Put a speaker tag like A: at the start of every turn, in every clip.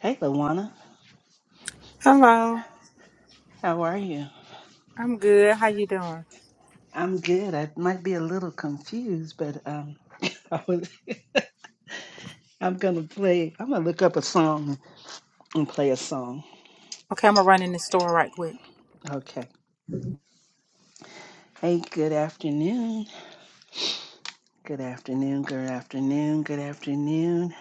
A: Hey, Luana,
B: Hello,
A: how are you?
B: I'm good. Okay,
A: I'm good. I might be a little confused, but um, I was, I'm gonna play. I'm gonna look up a song and play a song.
B: I'm gonna run the door right quick.
A: Okay. Hey, good afternoon. Good afternoon. Good afternoon. Good afternoon.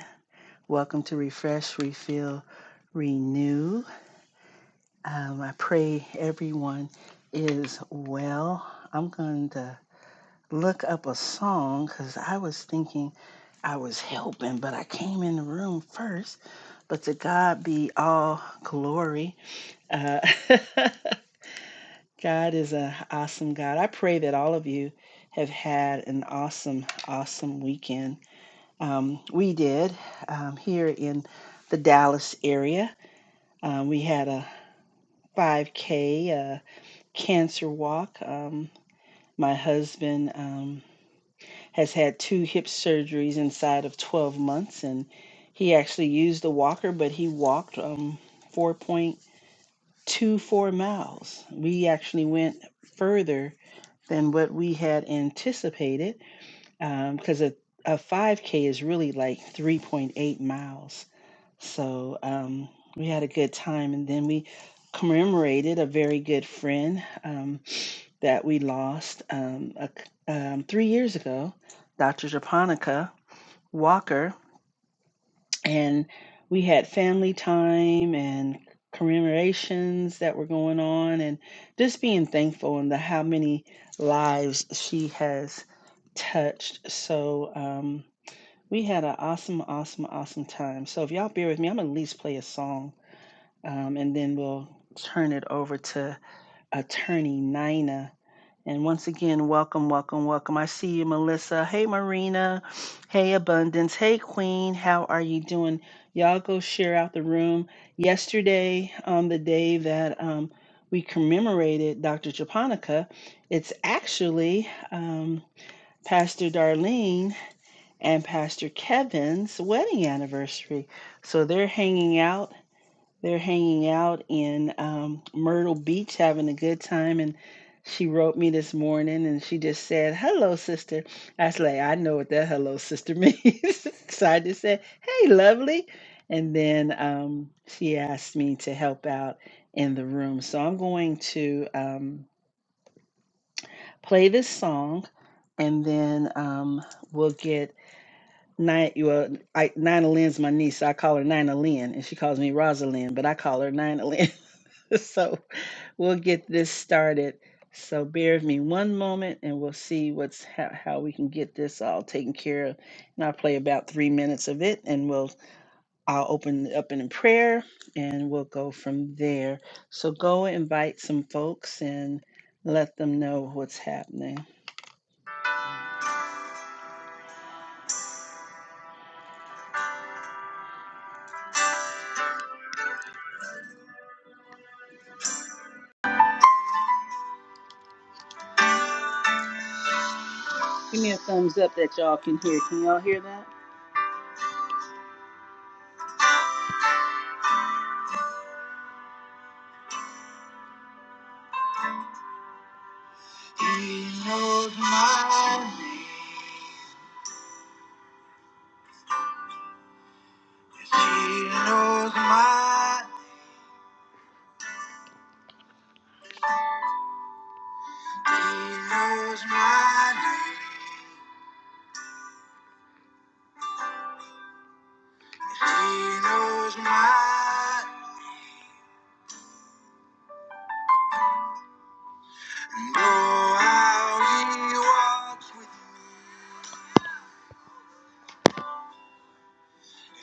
A: Welcome to Refresh, Refill, Renew. Um, I pray everyone is well. I'm going to. look up a song because I was thinking I was helping, but I came in the room first. But to God be all glory. Uh, God is an awesome God. I pray that all of you have had an awesome, awesome weekend. Um, we did um, here in the Dallas area. Um, we had a 5K uh, cancer walk. Um, my husband. um, has had two hip surgeries inside of 12 months and he actually used a walker but he walked um 4.24 miles we actually went further than what we had anticipated because um, a, a 5k is really like 3.8 miles so um, we had a good time and then we commemorated a very good friend um, that we lost um, a c um, three years ago, Dr. Japonica Walker, and we had family time and commemorations that were going on, and just being thankful and the how many lives she has touched. So um, we had an awesome, awesome, awesome time. So if y'all bear with me, I'm gonna at least play a song, um, and then we'll turn it over to Attorney Nina and once again, welcome, welcome, welcome. I see you, Melissa. Hey, Marina. Hey, Abundance. Hey, Queen. How are you doing? Y'all go share out the room. Yesterday, on the day that um, we commemorated Dr. Japonica, it's actually um, Pastor Darlene and Pastor Kevin's wedding anniversary. So they're hanging out they're hanging out in um, Myrtle Beach, having a good time. And she wrote me this morning and she just said, Hello, sister. I was like, I know what that hello, sister means. so I just said, Hey, lovely. And then um, she asked me to help out in the room. So I'm going to um, play this song and then um, we'll get Nine, well, I, Nina Lynn's my niece. So I call her Nina Lynn, and she calls me Rosalind, but I call her Nina Lynn. so we'll get this started. So bear with me one moment and we'll see what's how, how we can get this all taken care of. And I'll play about three minutes of it and we'll I'll open it up in prayer and we'll go from there. So go invite some folks and let them know what's happening. Give me a thumbs up that y'all can hear. Can y'all hear that? He knows mine. He knows mine. He knows mine. He knows my know how he walks with me,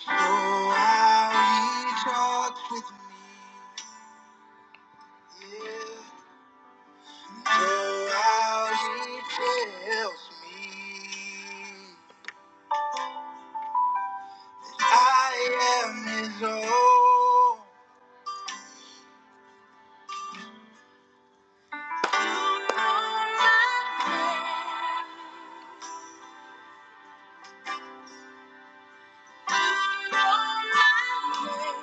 A: know how he talks with me, yeah. know how he tells me I am his own. You know my name. You know my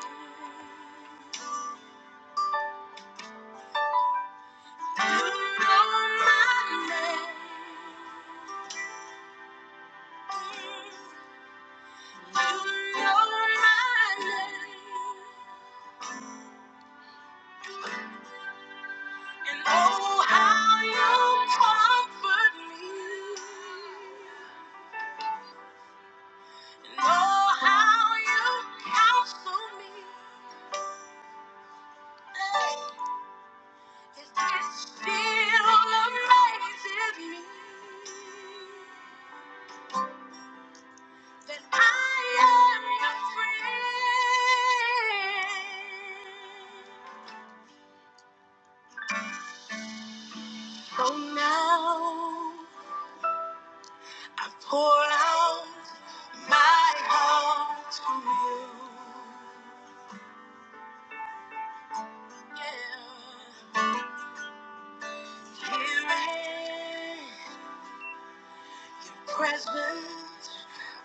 A: name. You know my name. You know my name. And oh, how you comfort me. And oh, how you counsel me. It still amazes me. that I am a friend. So now I pour out my heart to you. Yeah. Here and present,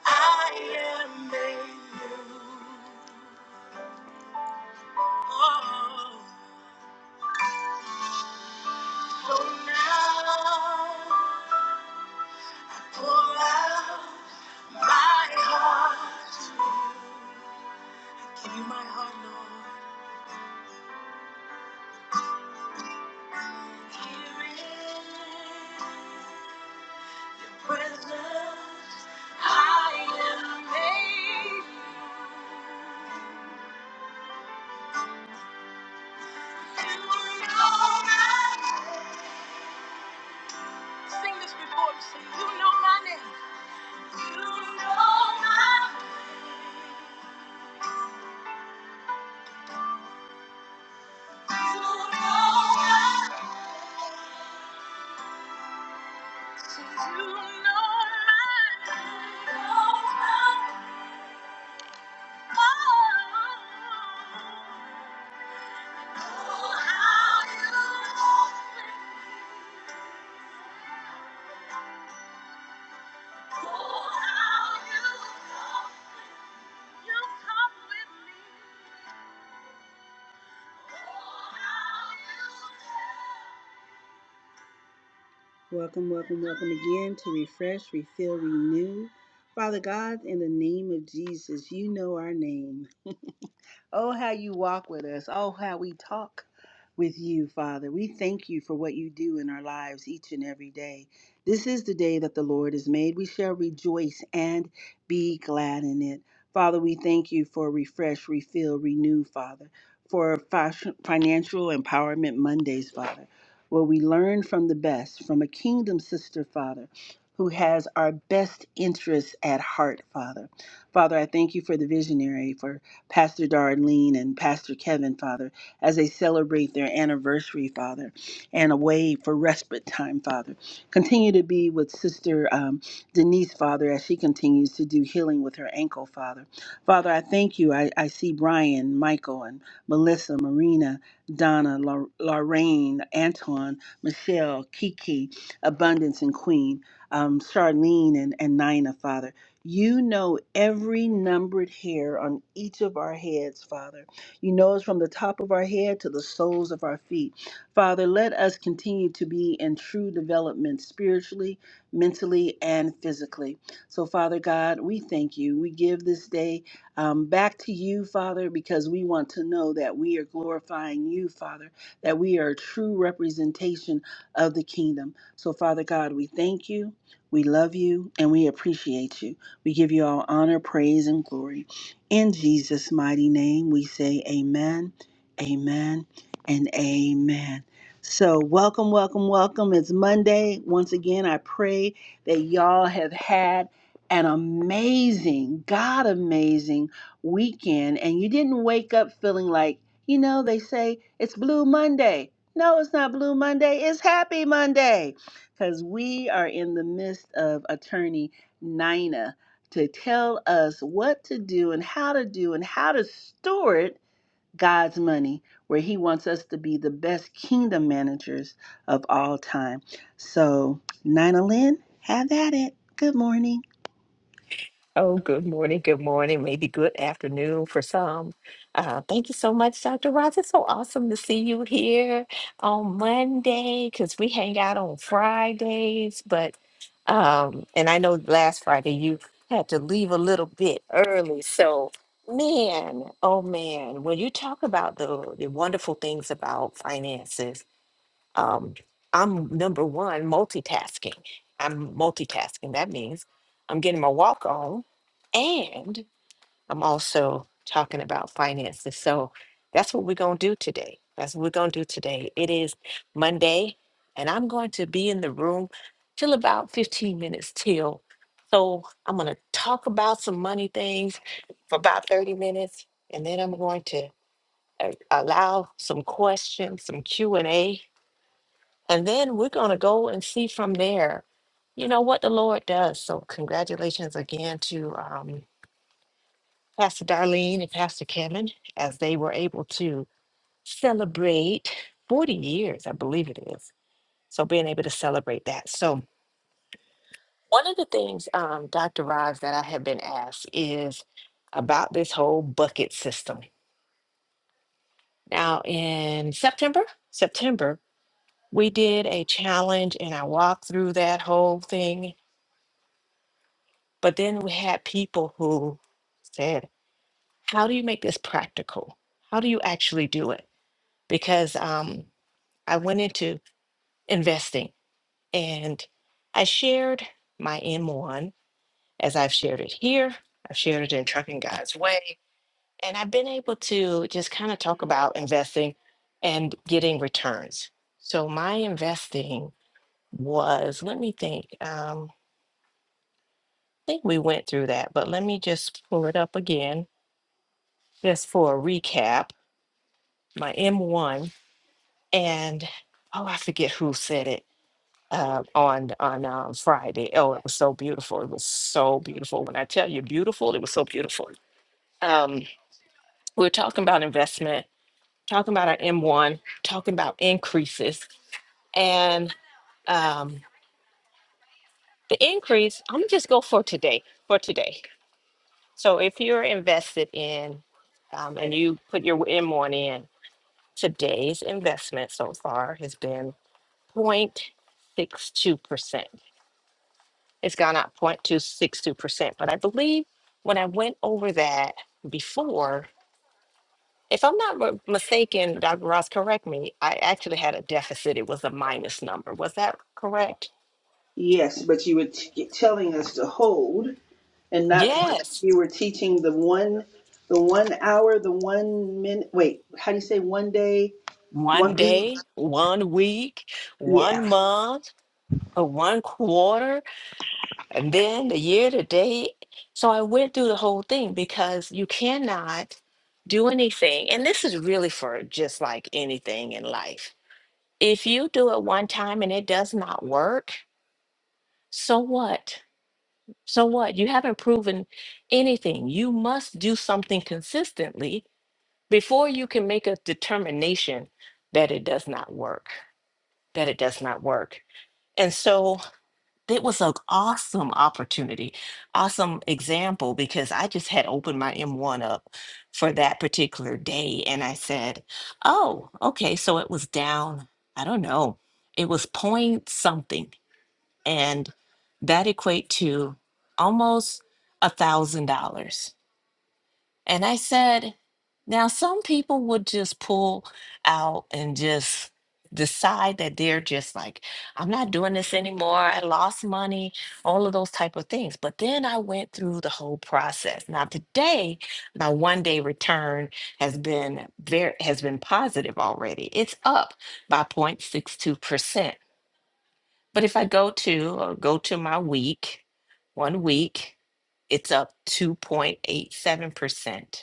A: I am made new. Oh. So now. pour out. My heart, give you my heart, Lord. Here in presence, I am made. and You know my name. Sing this before you sing. You know my name. You know my name. You know my name. Welcome, welcome, welcome again to Refresh, Refill, Renew. Father God, in the name of Jesus, you know our name. Oh, how you walk with us. Oh, how we talk with you, Father. We thank you for what you do in our lives each and every day. This is the day that the Lord has made. We shall rejoice and be glad in it. Father, we thank you for refresh, refill, renew, Father, for fi- financial empowerment Mondays, Father, where we learn from the best, from a kingdom sister, Father, who has our best interests at heart, Father. Father, I thank you for the visionary, for Pastor Darlene and Pastor Kevin, Father, as they celebrate their anniversary, Father, and away for respite time, Father. Continue to be with Sister um, Denise, Father, as she continues to do healing with her ankle, Father. Father, I thank you. I, I see Brian, Michael, and Melissa, Marina, Donna, Lor- Lorraine, Antoine, Michelle, Kiki, Abundance, and Queen, um, Charlene, and, and Nina, Father. You know every numbered hair on each of our heads, Father. You know us from the top of our head to the soles of our feet. Father, let us continue to be in true development spiritually, mentally, and physically. So, Father God, we thank you. We give this day um, back to you, Father, because we want to know that we are glorifying you, Father, that we are a true representation of the kingdom. So, Father God, we thank you, we love you, and we appreciate you. We give you all honor, praise, and glory. In Jesus' mighty name, we say amen, amen, and amen. So, welcome, welcome, welcome. It's Monday. Once again, I pray that y'all have had an amazing, God amazing weekend and you didn't wake up feeling like, you know, they say it's Blue Monday. No, it's not Blue Monday, it's Happy Monday because we are in the midst of attorney. Nina to tell us what to do and how to do and how to store it, God's money, where He wants us to be the best kingdom managers of all time. So, Nina Lynn, have at it. Good morning.
C: Oh, good morning. Good morning. Maybe good afternoon for some. Uh, thank you so much, Dr. Ross. It's so awesome to see you here on Monday because we hang out on Fridays. But, um, and I know last Friday you had to leave a little bit early. So, man, oh man, when you talk about the, the wonderful things about finances, um, I'm number one multitasking. I'm multitasking. That means I'm getting my walk on and I'm also talking about finances. So that's what we're going to do today. That's what we're going to do today. It is Monday and I'm going to be in the room till about 15 minutes till. So I'm going to talk about some money things for about 30 minutes and then I'm going to uh, allow some questions, some Q&A and then we're going to go and see from there, you know, what the Lord does. So, congratulations again to um, Pastor Darlene and Pastor Kevin as they were able to celebrate 40 years, I believe it is. So, being able to celebrate that. So, one of the things, um, Dr. Rives, that I have been asked is about this whole bucket system. Now, in September, September, we did a challenge and I walked through that whole thing But then we had people who said, How do you make this practical? How do you actually do it? Because um, I went into investing and I shared my M1 as I've shared it here, I've shared it in Trucking God's Way, and I've been able to just kind of talk about investing and getting returns. So my investing was, let me think, um, I think we went through that, but let me just pull it up again just for a recap, my M1 and oh, I forget who said it uh, on on um, Friday. Oh, it was so beautiful. It was so beautiful. When I tell you beautiful, it was so beautiful. Um, we were talking about investment, talking about our M1, talking about increases, and um, the increase. I'm gonna just go for today. For today. So if you're invested in um, and you put your M1 in, today's investment so far has been 0.62%. It's gone up 0.262%. But I believe when I went over that before, if I'm not mi- mistaken, Dr. Ross, correct me, I actually had a deficit. It was a minus number. Was that correct?
A: Yes, but you were t- telling us to hold and not.
C: Yes.
A: You were teaching the one, the one hour, the one minute. Wait, how do you say one day,
C: One
A: one week?
C: day, one week,
A: Yeah.
C: one month, or one quarter. and then the year to date. So I went through the whole thing because you cannot do anything. And this is really for just like anything in life. If you do it one time and it does not work, so what? So what? You haven't proven anything. You must do something consistently before you can make a determination that it does not work, that it does not work. And so it was an awesome opportunity, awesome example because I just had opened my M1 up for that particular day and I said, oh, okay, so it was down, I don't know, it was point something. And that equate to almost a thousand dollars. And I said, now some people would just pull out and just decide that they're just like, I'm not doing this anymore. I lost money, all of those type of things. But then I went through the whole process. Now today, my one day return has been very has been positive already. It's up by 0.62%. But if I go to or go to my week, one week, it's up 2.87%.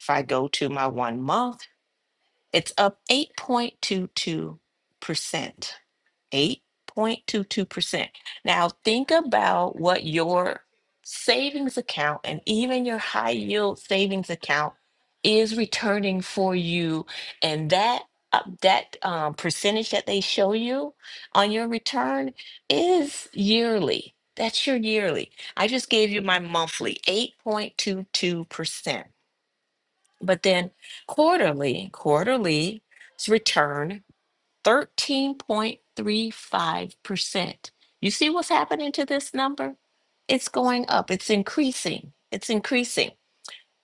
C: If I go to my one month, it's up 8.22%. 8.22%. Now, think about what your savings account and even your high yield savings account is returning for you. And that uh, that um, percentage that they show you on your return is yearly. That's your yearly. I just gave you my monthly 8.22%. But then quarterly, quarterly s- return 13.35%. You see what's happening to this number? It's going up, it's increasing, it's increasing.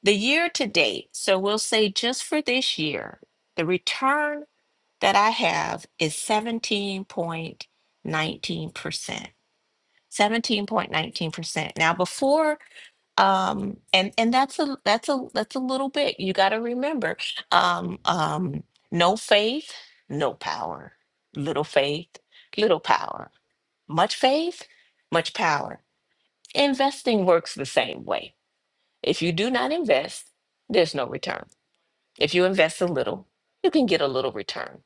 C: The year to date, so we'll say just for this year, the return that I have is 17.19%. 17.19%. Now before um and and that's a that's a that's a little bit you got to remember um um no faith no power little faith little power much faith much power investing works the same way if you do not invest there's no return if you invest a little you can get a little return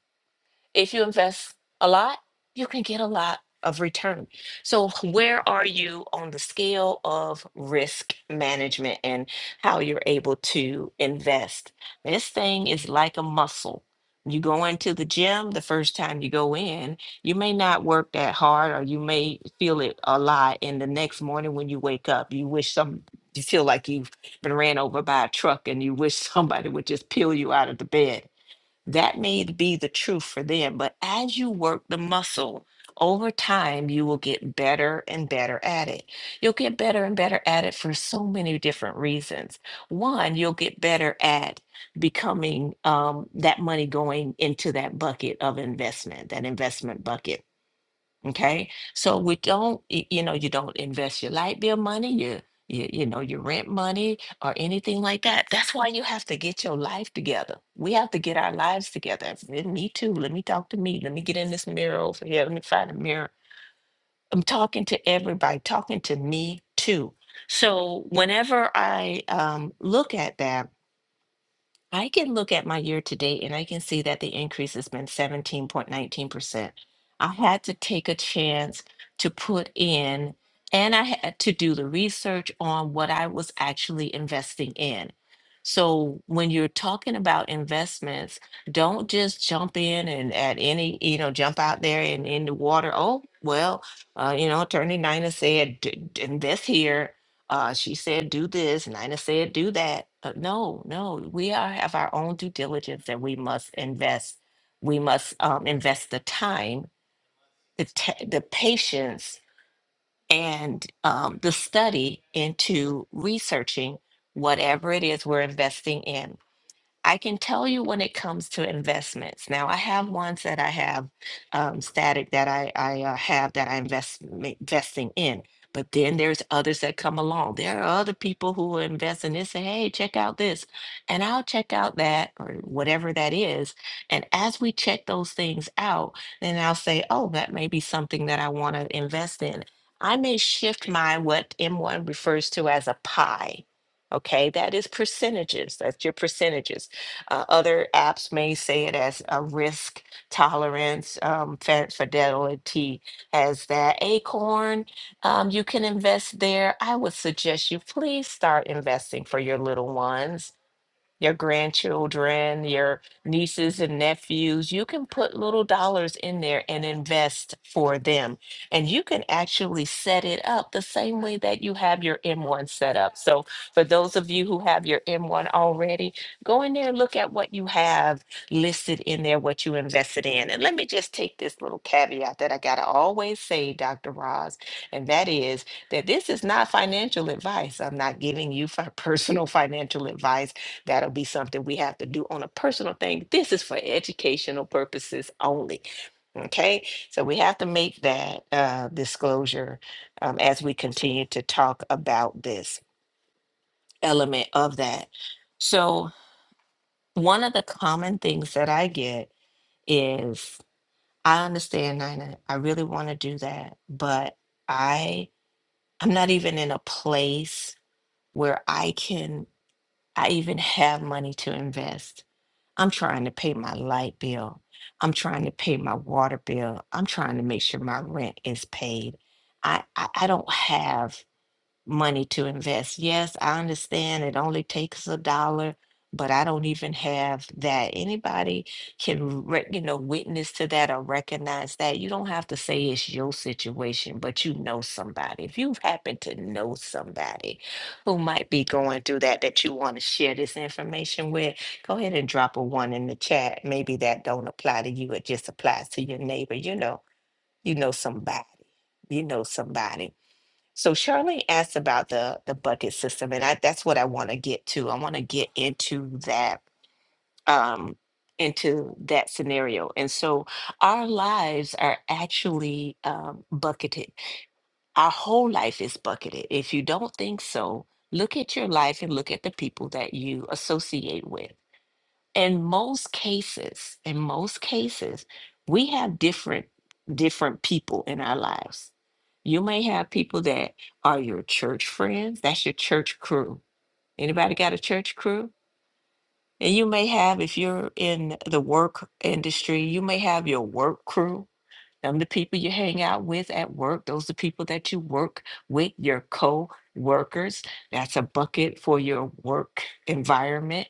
C: if you invest a lot, you can get a lot of return. So, where are you on the scale of risk management and how you're able to invest? This thing is like a muscle. You go into the gym the first time you go in, you may not work that hard or you may feel it a lot. And the next morning when you wake up, you wish some, you feel like you've been ran over by a truck and you wish somebody would just peel you out of the bed that may be the truth for them, but as you work the muscle over time, you will get better and better at it. You'll get better and better at it for so many different reasons. One, you'll get better at becoming um, that money going into that bucket of investment, that investment bucket Okay, so we don't, y- you know, you don't invest your light bill money, your, your, you know, your rent money or anything like that. That's why you have to get your life together. We have to get our lives together. Eh, Me too. Let me talk to me. Let me get in this mirror over here. Let me find a mirror. I'm talking to everybody, talking to me too. So whenever I um, look at that, I can look at my year to date and I can see that the increase has been 17.19%. I had to take a chance to put in, and I had to do the research on what I was actually investing in. So when you're talking about investments, don't just jump in and at any, you know, jump out there and in the water. Oh, well, uh, you know, Attorney Nina said, d- d- invest here uh, she said do this, Nina said do that. Uh, no, no, we are have our own due diligence that we must invest. We must um, invest the time, the te- the patience, and um, the study into researching whatever it is we're investing in. I can tell you when it comes to investments. Now, I have ones that I have um, static that I, I uh, have that I invest ma- investing in. But then there's others that come along. There are other people who will invest in this and hey, check out this, and I'll check out that or whatever that is. And as we check those things out, then I'll say, oh, that may be something that I want to invest in. I may shift my what M1 refers to as a pie. Okay, that is percentages. That's your percentages uh, other apps may say it as a risk tolerance. Um, Fa- Fidelity has that. Acorn, um, you can invest there. I would suggest you please start investing for your little ones your grandchildren, your nieces and nephews. You can put little dollars in there and invest for them. And you can actually set it up the same way that you have your M1 set up. So, for those of you who have your M1 already, go in there and look at what you have listed in there, what you invested in. And let me just take this little caveat that I got to always say, Dr. Roz, and that is that this is not financial advice. I'm not giving you fi- personal financial advice. That'll be something we have to do on a personal thing. This is for educational purposes only. Okay, so we have to make that uh, disclosure um, as we continue to talk about this element of that. So, one of the common things that I get is I understand, Nina, I really want to do that, but I I'm not even in a place where I can I even have money to invest I'm trying to pay my light bill. I'm trying to pay my water bill. I'm trying to make sure my rent is paid. I, I, I don't have money to invest. Yes, I understand it only takes a dollar, but I don't even have that. Anybody can, re- you know, witness to that or recognize that. You don't have to say it's your situation, but you know somebody. If you happen to know somebody who might be going through that, that you want to share this information with, go ahead and drop a one in the chat. Maybe that don't apply to you. It just applies to your neighbor. You know, you know somebody. You know somebody. So Charlene asked about the the bucket system, and I, that's what I want to get to. I want to get into that um into that scenario. And so our lives are actually um, bucketed. Our whole life is bucketed. If you don't think so, look at your life and look at the people that you associate with in most cases in most cases we have different different people in our lives you may have people that are your church friends that's your church crew anybody got a church crew and you may have if you're in the work industry you may have your work crew them the people you hang out with at work. Those the people that you work with, your co-workers. That's a bucket for your work environment.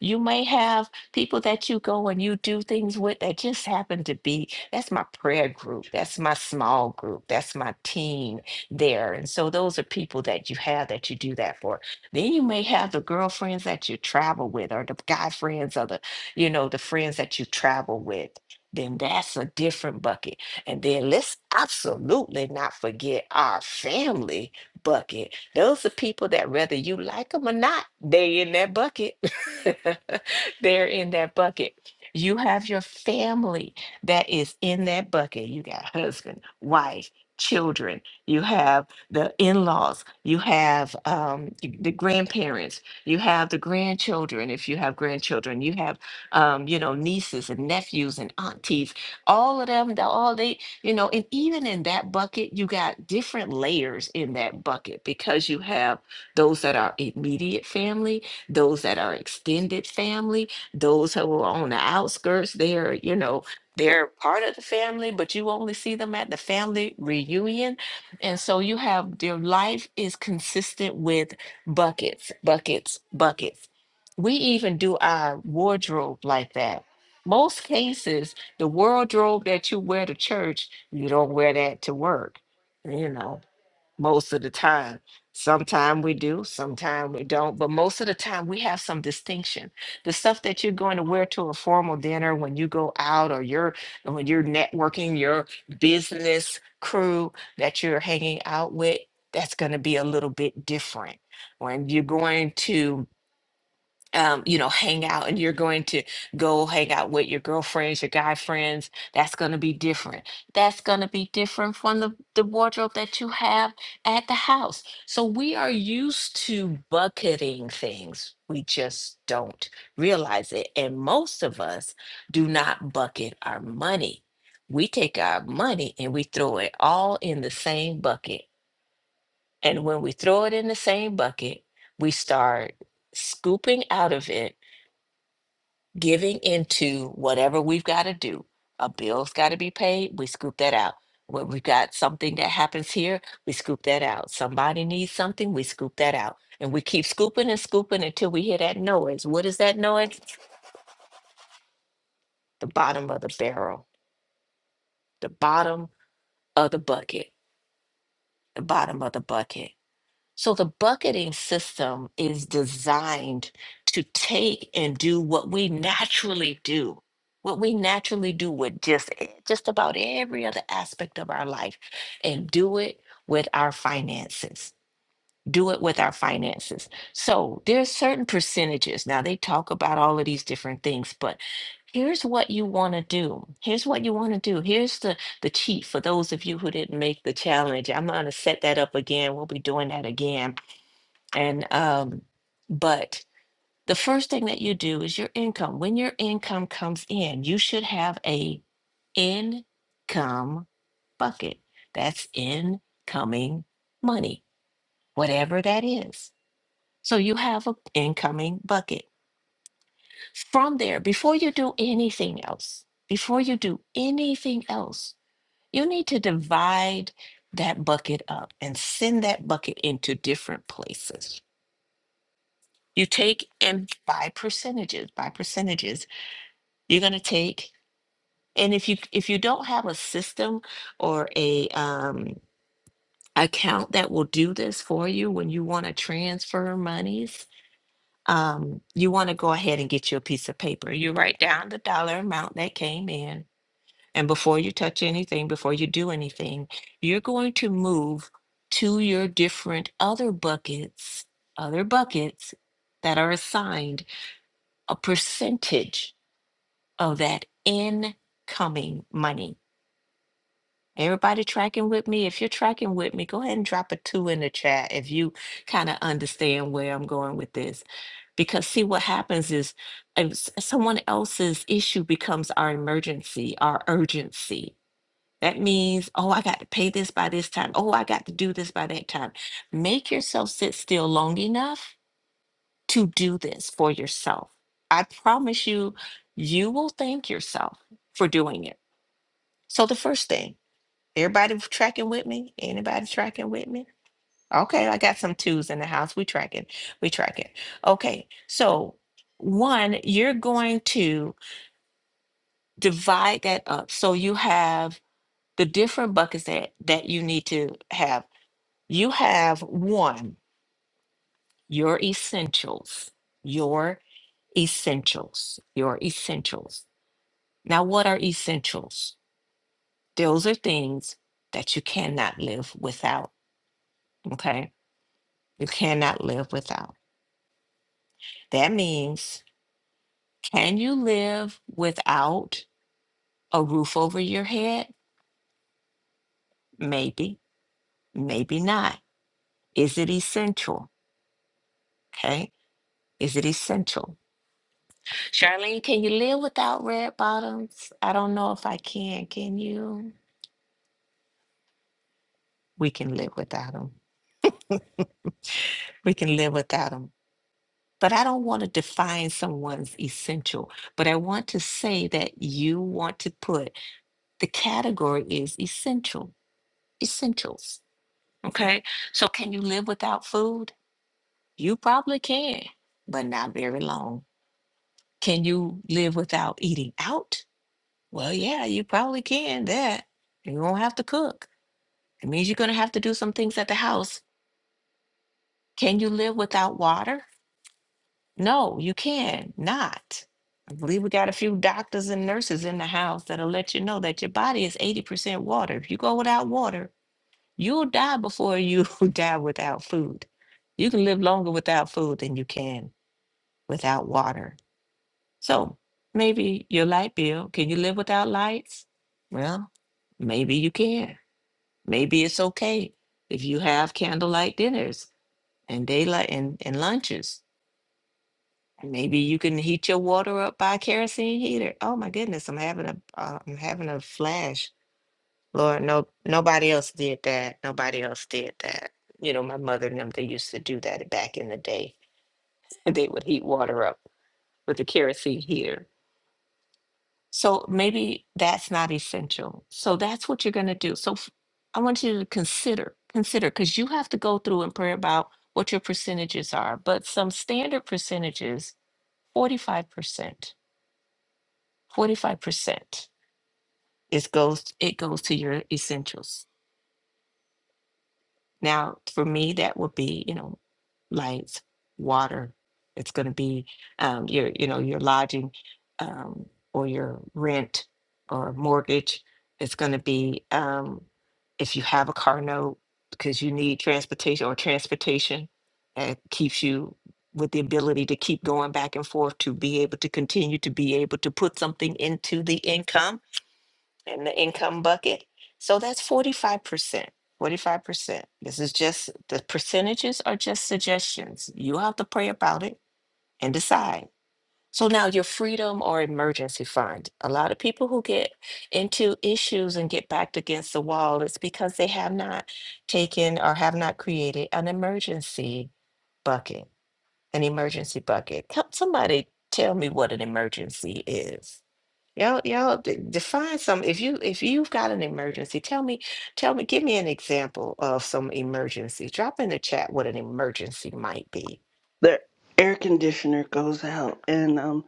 C: You may have people that you go and you do things with that just happen to be, that's my prayer group. That's my small group. That's my team there. And so those are people that you have that you do that for. Then you may have the girlfriends that you travel with or the guy friends or the, you know, the friends that you travel with then that's a different bucket. And then let's absolutely not forget our family bucket. Those are people that whether you like them or not, they in that bucket. They're in that bucket. You have your family that is in that bucket. You got husband, wife, children. You have the in-laws. You have um, the grandparents. You have the grandchildren. If you have grandchildren, you have um, you know nieces and nephews and aunties all of them, the- all they, you know, and even in that bucket, you got different layers in that bucket because you have those that are immediate family, those that are extended family, those who are on the outskirts, they're, you know, they're part of the family, but you only see them at the family reunion. And so you have your life is consistent with buckets, buckets, buckets. We even do our wardrobe like that. Most cases, the wardrobe that you wear to church, you don't wear that to work, you know, most of the time. Sometime we do, sometime we don't, but most of the time we have some distinction. The stuff that you're going to wear to a formal dinner when you go out or you're when you're networking your business crew that you're hanging out with, that's going to be a little bit different. When you're going to um, you know, hang out and you're going to go hang out with your girlfriends, your guy friends, that's going to be different. That's going to be different from the, the wardrobe that you have at the house. So we are used to bucketing things. We just don't realize it. And most of us do not bucket our money. We take our money and we throw it all in the same bucket. And when we throw it in the same bucket, we start scooping out of it giving into whatever we've got to do. A bill's got to be paid, we scoop that out. When we've got something that happens here, we scoop that out. Somebody needs something, we scoop that out. And we keep scooping and scooping until we hear that noise. What is that noise? The bottom of the barrel, the bottom of the bucket, the bottom of the bucket. So the bucketing system is designed to take and do what we naturally do, what we naturally do with just e- just about every other aspect of our life, and do it with our finances. Do it with our finances. So there's certain percentages. Now they talk about all of these different things, but here's what you want to do. Here's what you want to do. Here's the the cheat for those of you who didn't make the challenge. I'm going to set that up again. We'll be doing that again and um, but the first thing that you do is your income. When your income comes in, you should have a income bucket. That's incoming money, whatever that is. So you have an incoming bucket. From there, before you do anything else, before you do anything else, you need to divide that bucket up and send that bucket into different places you take and by percentages by percentages you're going to take and if you if you don't have a system or a um account that will do this for you when you want to transfer monies um you want to go ahead and get you a piece of paper you write down the dollar amount that came in and before you touch anything before you do anything you're going to move to your different other buckets other buckets that are assigned a percentage of that incoming money. Everybody tracking with me? If you're tracking with me, go ahead and drop a two in the chat if you kind of understand where I'm going with this. Because see, what happens is if s- someone else's issue becomes our emergency, our urgency. That means, oh, I got to pay this by this time. Oh, I got to do this by that time. Make yourself sit still long enough to do this for yourself. I promise you, you will thank yourself for doing it So the first thing, everybody tracking with me? Anybody tracking with me? Okay, I got some twos in the house. We tracking. We tracking. Okay, so one, you're going to divide that up. So you have the different buckets that that you need to have. You have one, your essentials, your essentials, your essentials. Now, what are essentials? Those are things that you cannot live without. Okay You cannot live without. That means, can you live without a roof over your head? Maybe, maybe not. Is it essential? Okay. Is it essential? Charlene, can you live without red bottoms? I don't know if I can. Can you? We can live without them. We can live without them. But I don't want to define someone's essential, but I want to say that you want to put the category is essential, essentials Okay. So can you live without food? You probably can, but not very long. Can you live without eating out? Well, yeah, you probably can that. You won't have to cook. It means you're going to have to do some things at the house. Can you live without water? No, you can not. I believe we got a few doctors and nurses in the house that'll let you know that your body is 80% water. If you go without water, you'll die before you die without food. You can live longer without food than you can without water. So maybe your light bill, can you live without lights? Well, maybe you can. Maybe it's okay if you have candlelight dinners and daylight and, and lunches. Maybe you can heat your water up by a kerosene heater. Oh my goodness, I'm having a uh, I'm having a flash. Lord, no nobody else did that. Nobody else did that. You know, my mother and them they used to do that back in the day. they would heat water up with a kerosene heater So maybe that's not essential. So that's what you're going to do. So f- I want you to consider, consider, because you have to go through and pray about what your percentages are. But some standard percentages, 45%, 45% is goes, it goes to your essentials. Now, for me, that would be, you know, lights, water. It's going to be um, your, you know, your lodging um, or your rent or mortgage. It's going to be um, if you have a car note because you need transportation or transportation that keeps you with the ability to keep going back and forth to be able to continue to be able to put something into the income in the income bucket. So that's forty-five percent, forty-five percent. This is just, the percentages are just suggestions. You have to pray about it and decide. So now your freedom or emergency fund. A lot of people who get into issues and get backed against the wall, it's because they have not taken or have not created an emergency bucket, an emergency bucket. Help somebody tell me what an emergency is. Y'all, y'all de- define some. If you if you've got an emergency, tell me, tell me, give me an example of some emergency. Drop in the chat what an emergency might be.
A: the air conditioner goes out and um,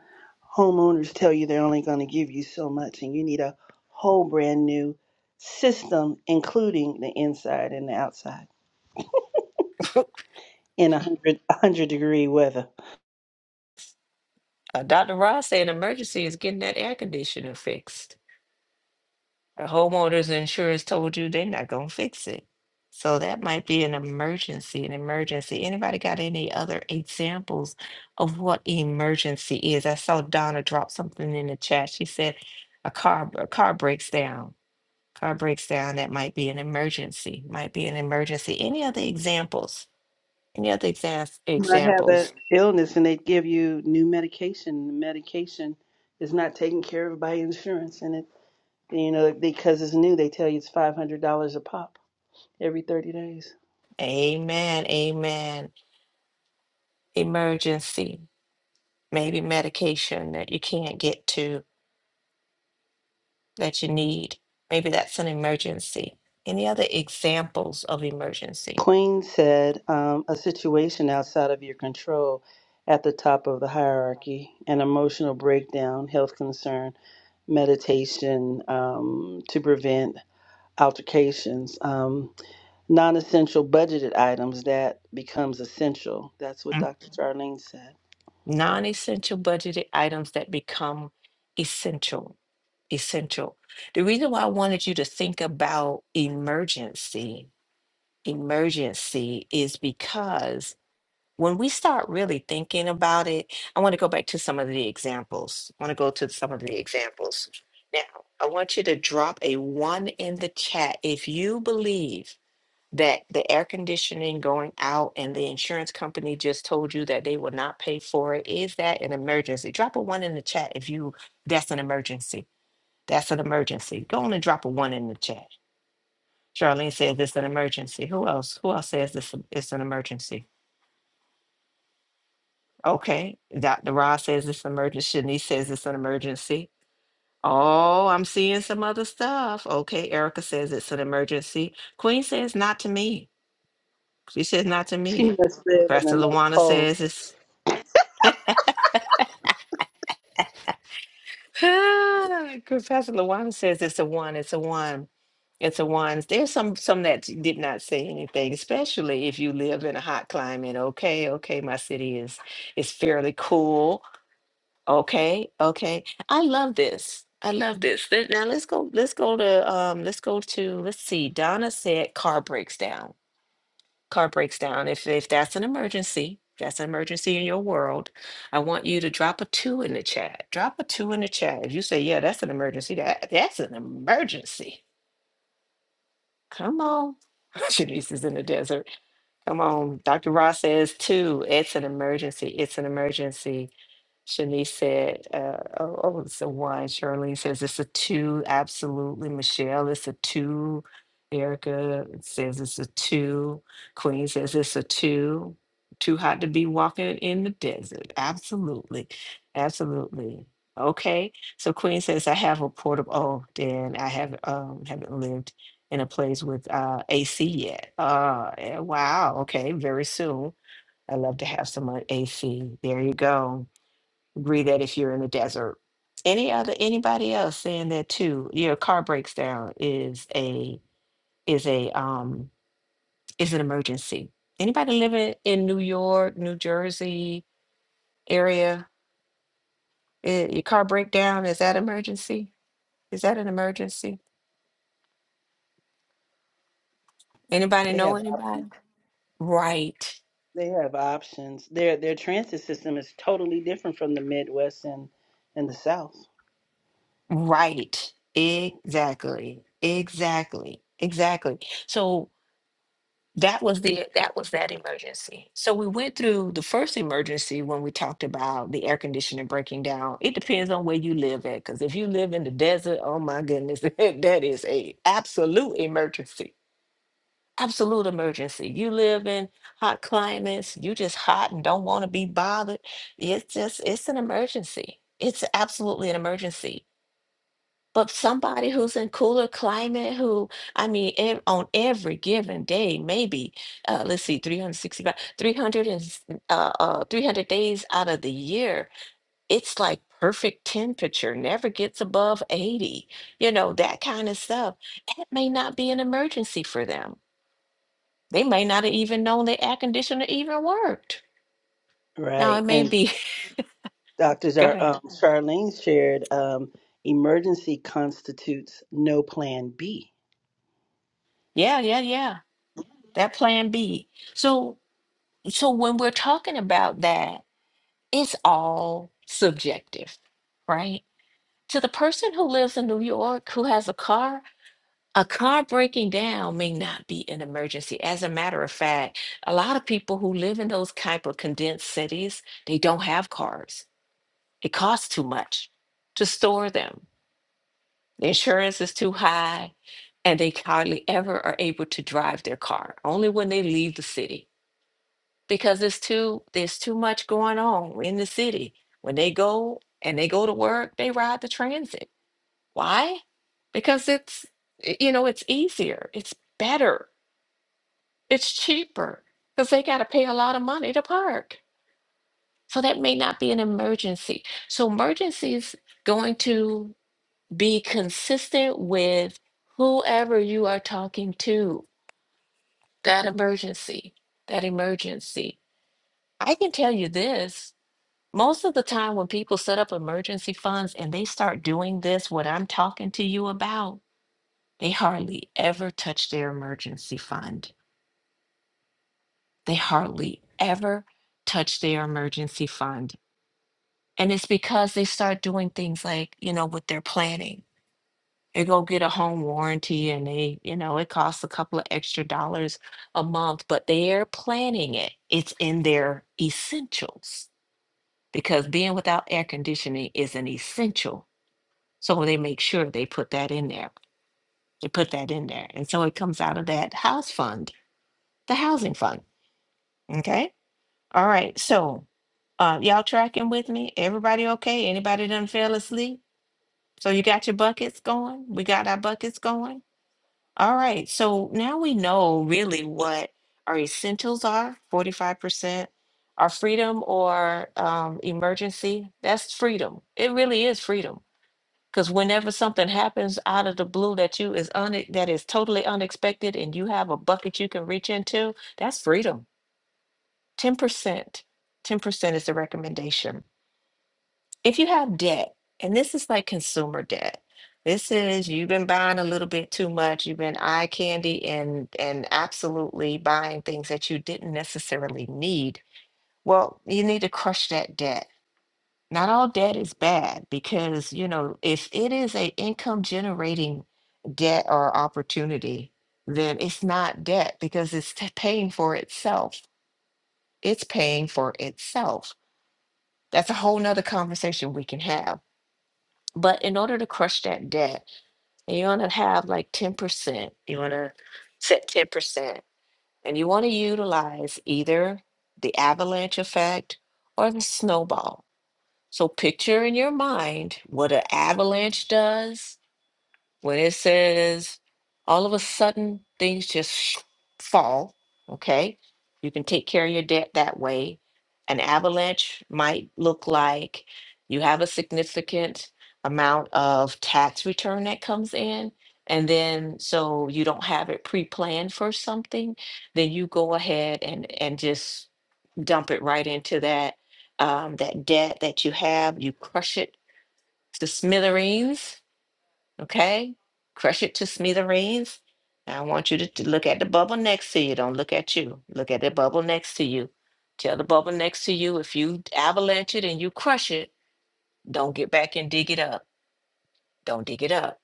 A: homeowners tell you they're only going to give you so much and you need a whole brand new system including the inside and the outside in a hundred a hundred degree weather
C: Uh, Dr. Ross said an emergency is getting that air conditioner fixed. The homeowner's insurance told you they're not gonna fix it. So that might be an emergency, an emergency. Anybody got any other examples of what emergency is? I saw Donna drop something in the chat. She said a car a car breaks down car breaks down, that might be an emergency, might be an emergency. Any other examples? Any other exas-
A: you might have an
C: examples?
A: illness and they give you new medication the medication is not taken care of by insurance and it you know because it's new they tell you it's $500 a pop every 30 days
C: Amen, amen. Emergency, maybe medication that you can't get to that you need. Maybe that's an emergency. Any other examples of emergency?
A: Queen said, um, a situation outside of your control at the top of the hierarchy, an emotional breakdown, health concern, meditation um, to prevent altercations, um, non essential budgeted items that becomes essential. That's what
C: Mm.
A: doctor Charlene said.
C: Non-essential budgeted items that become essential. Essential. The reason why I wanted you to think about emergency, emergency is because when we start really thinking about it, I want to go back to some of the examples. I want to go to some of the examples. Now, I want you to drop a one in the chat if you believe that the air conditioning going out and the insurance company just told you that they will not pay for it. Is that an emergency? Drop a one in the chat if you that's an emergency. That's an emergency. Go on and drop a one in the chat. Charlene says it's an emergency. Who else? Who else says this it's an emergency? Okay, Dr. Ross says it's an emergency. Shanice says it's an emergency. Oh, I'm seeing some other stuff. Okay, Erica says it's an emergency. Queen says not to me. She says not to
A: She
C: me.
A: must live in
C: Pastor
A: another
C: Lawana
A: poll.
C: says it's Pastor Lawana says it's a one, it's a one, it's a one. There's some some that did not say anything, especially if you live in a hot climate. Okay, okay, my city is is fairly cool. Okay, okay. I love this. I love this. Th- Now let's go, let's go to um let's go to let's see. Donna said car breaks down. Car breaks down. If if that's an emergency, if that's an emergency in your world, I want you to drop a two in the chat. Drop a two in the chat. If you say, yeah, that's an emergency, that that's an emergency. Come on. Shanice is in the desert. Come on. Dr. Ross says, too, it's an emergency. It's an emergency. Shanice said, uh, oh, oh, it's a one. Charlene says, it's a two. Absolutely. Michelle, it's a two. Erica says, it's a two. Queen says, it's a two. Too hot to be walking in the desert. Absolutely. Absolutely. Okay. So Queen says, I have a portable. Oh, Dan, I haven't, um, haven't lived in a place with uh, AC yet. Uh, eh, wow. Okay. Very soon. I'd love to have some uh, AC. There you go. Agree that if you're in the desert. Any other anybody else saying that too? Your car breaks down is a is a um is an emergency. Anybody living in New York, New Jersey area, eh, your car breakdown is that emergency? Is that an emergency? Anybody
A: They
C: know
A: have options.
C: anybody? Right.
A: They have options. Their their transit system is totally different from the Midwest and, and the South.
C: Right. Exactly. Exactly. Exactly. So that was the that was that emergency. So we went through the first emergency when we talked about the air conditioner breaking down. It depends on where you live at, because if you live in the desert, oh my goodness, that is a absolute emergency. Absolute emergency. You live in hot climates, you just hot and don't want to be bothered. It's just it's an emergency. It's absolutely an emergency. But somebody who's in cooler climate, who I mean, ev- on every given day, maybe uh, let's see, 365, 300 and s- uh, uh, 300 days out of the year, it's like perfect temperature, never gets above 80, you know, that kind of stuff. That may not be an emergency for them. They may not have even known the air conditioner even worked. Now
A: Right.
C: it may
A: And
C: be,
A: Doctors
C: go
A: are
C: ahead.
A: um, Charlene shared um, emergency constitutes no plan B.
C: Yeah, yeah, yeah. That plan B. So, so when we're talking about that. it's all subjective, right? To the person who lives in New York who has a car, a car breaking down may not be an emergency. As a matter of fact, a lot of people who live in those type of condensed cities, they don't have cars. It costs too much to store them. The insurance is too high, and they hardly ever are able to drive their car, only when they leave the city. because it's too there's too much going on in the city. When they go and they go to work, they ride the transit. Why? Because it's y- you know, it's easier, it's better, it's cheaper because they got to pay a lot of money to park. So that may not be an emergency. So emergency is going to be consistent with whoever you are talking to. That emergency, that emergency. I can tell you this Most of the time, when people set up emergency funds and they start doing this, what I'm talking to you about, they hardly ever touch their emergency fund. They hardly ever touch their emergency fund. And it's because they start doing things like, you know, with their planning. They go get a home warranty and they, you know, it costs a couple of extra dollars a month, but they're planning it. It's in their essentials because being without air conditioning is an essential So they make sure they put that in there. They put that in there. And so it comes out of that house fund, the housing fund. Okay. All right. So uh, y'all tracking with me? Everybody okay? Anybody done fell asleep? So you got your buckets going? We got our buckets going? All right. So now we know really what our essentials are 45%, our freedom or um, emergency. That's freedom. It really is freedom Because whenever something happens out of the blue that you is un that is totally unexpected and you have a bucket you can reach into, that's freedom. 10%. 10% is the recommendation. If you have debt, and this is like consumer debt. This is you've been buying a little bit too much, you've been eye candy and and absolutely buying things that you didn't necessarily need. Well, you need to crush that debt not all debt is bad because, you know, if it is a income generating debt or opportunity, then it's not debt because it's t- paying for itself. It's paying for itself. That's a whole nother conversation we can have. But in order to crush that debt, you want to have like 10%. You want to set 10%. And you want to utilize either the avalanche effect or the snowball So picture in your mind what an avalanche does when it says all of a sudden things just sh- fall. Okay. You can take care of your debt that way. An avalanche might look like you have a significant amount of tax return that comes in. And then so you don't have it pre-planned for something, then you go ahead and and just dump it right into that um, that debt that you have. You crush it to smithereens. Okay, crush it to smithereens. Now I want you to, to look at the bubble next to you. Don't look at you. Look at the bubble next to you. Tell the bubble next to you if you avalanche it and you crush it, don't get back and dig it up. Don't dig it up.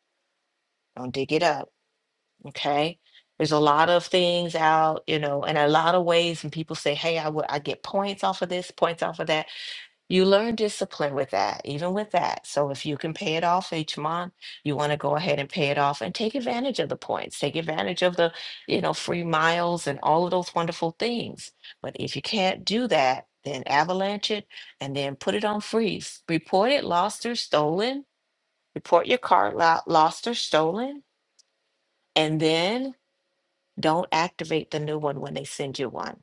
C: Don't dig it up. Okay. There's a lot of things out, you know, and a lot of ways. And people say, hey, I would I get points off of this, points off of that You learn discipline with that, even with that. So if you can pay it off each month, you want to go ahead and pay it off and take advantage of the points, take advantage of the, you know, free miles and all of those wonderful things. But if you can't do that, then avalanche it and then put it on freeze. Report it lost or stolen. Report your card lo- lost or stolen, and then don't activate the new one when they send you one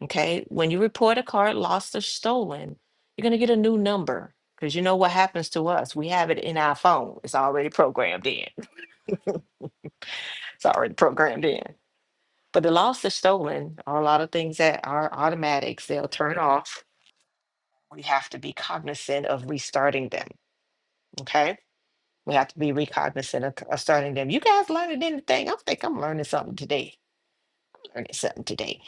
C: Okay, when you report a card lost or stolen, you're gonna get a new number because you know what happens to us. We have it in our phone. It's already programmed in. It's already programmed in. But the lost or stolen are a lot of things that are automatics. They'll turn off. We have to be cognizant of restarting them. Okay, we have to be recognizant of, of starting them. You guys learning anything? I think I'm learning something today. Learning something today.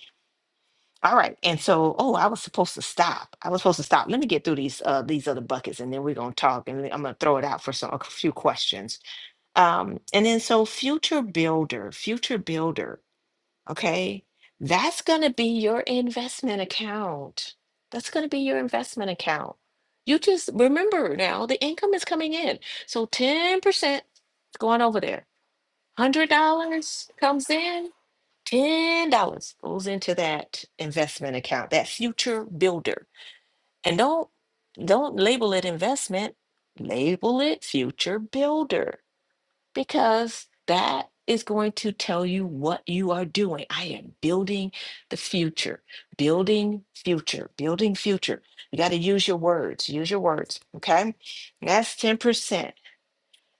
C: All right. And so, oh, I was supposed to stop. I was supposed to stop. Let me get through these uh these other buckets and then we're gonna talk and I'm gonna throw it out for some a few questions. Um, and then so future builder, future builder, okay, that's gonna be your investment account. That's gonna be your investment account. You just remember now the income is coming in. So 10% is going over there. $100 comes in, ten dollars goes into that investment account, that future builder. And don't don't label it investment, label it future builder because that is going to tell you what you are doing. I am building the future, building future, building future. You got to use your words, use your words, okay? And That's 10%.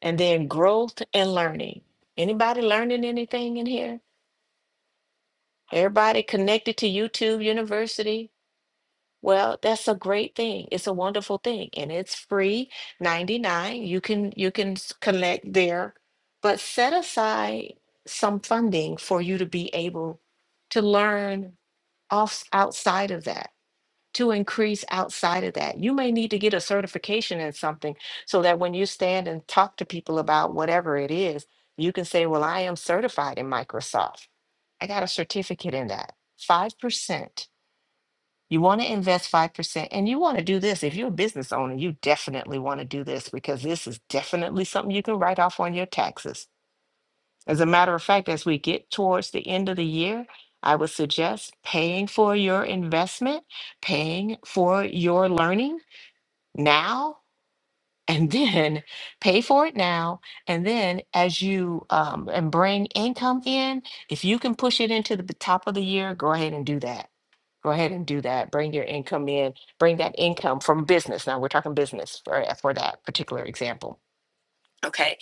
C: And then growth and learning. Anybody learning anything in here? Everybody connected to YouTube University. Well, that's a great thing. It's a wonderful thing, and it's free 99. You can you can s- connect there, but set aside some funding for you to be able to learn off outside of that to increase outside of that. You may need to get a certification in something so that when you stand and talk to people about whatever it is, you can say, Well, I am certified in Microsoft. I got a certificate in that. 5%. You want to invest 5%. And you want to do this. If you're a business owner, you definitely want to do this because this is definitely something you can write off on your taxes as a matter of fact, as we get towards the end of the year, I would suggest paying for your investment, paying for your learning now, and then pay for it now. And then as you um, and bring income in, if you can push it into the b- top of the year, go ahead and do that. Go ahead and do that. Bring your income in. Bring that income from business. Now we're talking business for, for that particular example. Okay.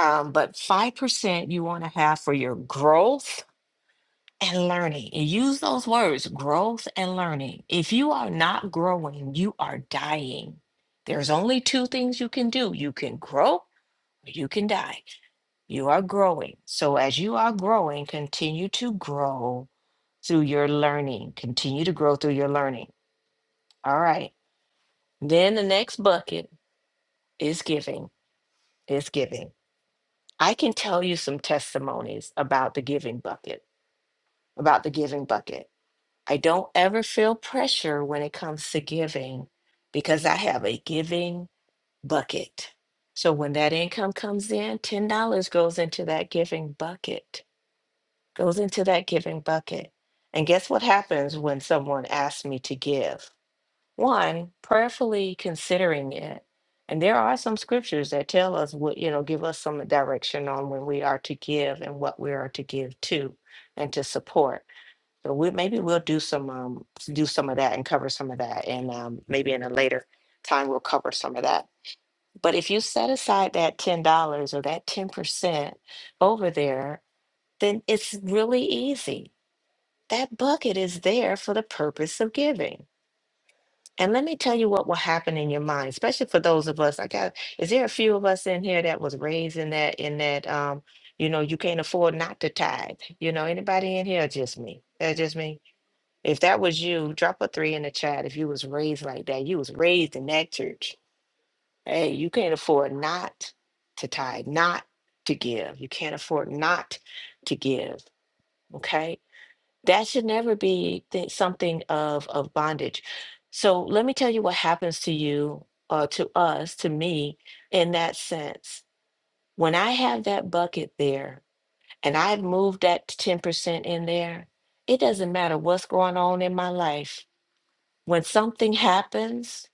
C: Um, but 5% you want to have for your growth and learning. And use those words growth and learning. If you are not growing, you are dying. There's only two things you can do you can grow or you can die. You are growing. So as you are growing, continue to grow through your learning. Continue to grow through your learning. All right. Then the next bucket is giving. Is giving. I can tell you some testimonies about the giving bucket. About the giving bucket I don't ever feel pressure when it comes to giving because I have a giving bucket. So when that income comes in, $10 goes into that giving bucket, goes into that giving bucket. And guess what happens when someone asks me to give? One, prayerfully considering it. And there are some scriptures that tell us what, you know, give us some direction on when we are to give and what we are to give to and to support. So we, maybe we'll do some, um, do some of that and cover some of that. And, um, maybe in a later time, we'll cover some of that. But if you set aside that ten dollars or that ten percent over there, then it's really easy. That bucket is there for the purpose of giving. And let me tell you what will happen in your mind, especially for those of us, I got, is there a few of us in here that was raised in that, in that, um, you know, you can't afford not to tithe? You know, anybody in here, or just me, that's just me if that was you, drop a three in the chat. If you was raised like that, you was raised in that church. Hey, you can't afford not to tithe, not to give. You can't afford not to give. Okay, that should never be th- something of of bondage. So let me tell you what happens to you, uh, to us, to me, in that sense. When I have that bucket there, and I've moved that ten percent in there, it doesn't matter what's going on in my life when something happens,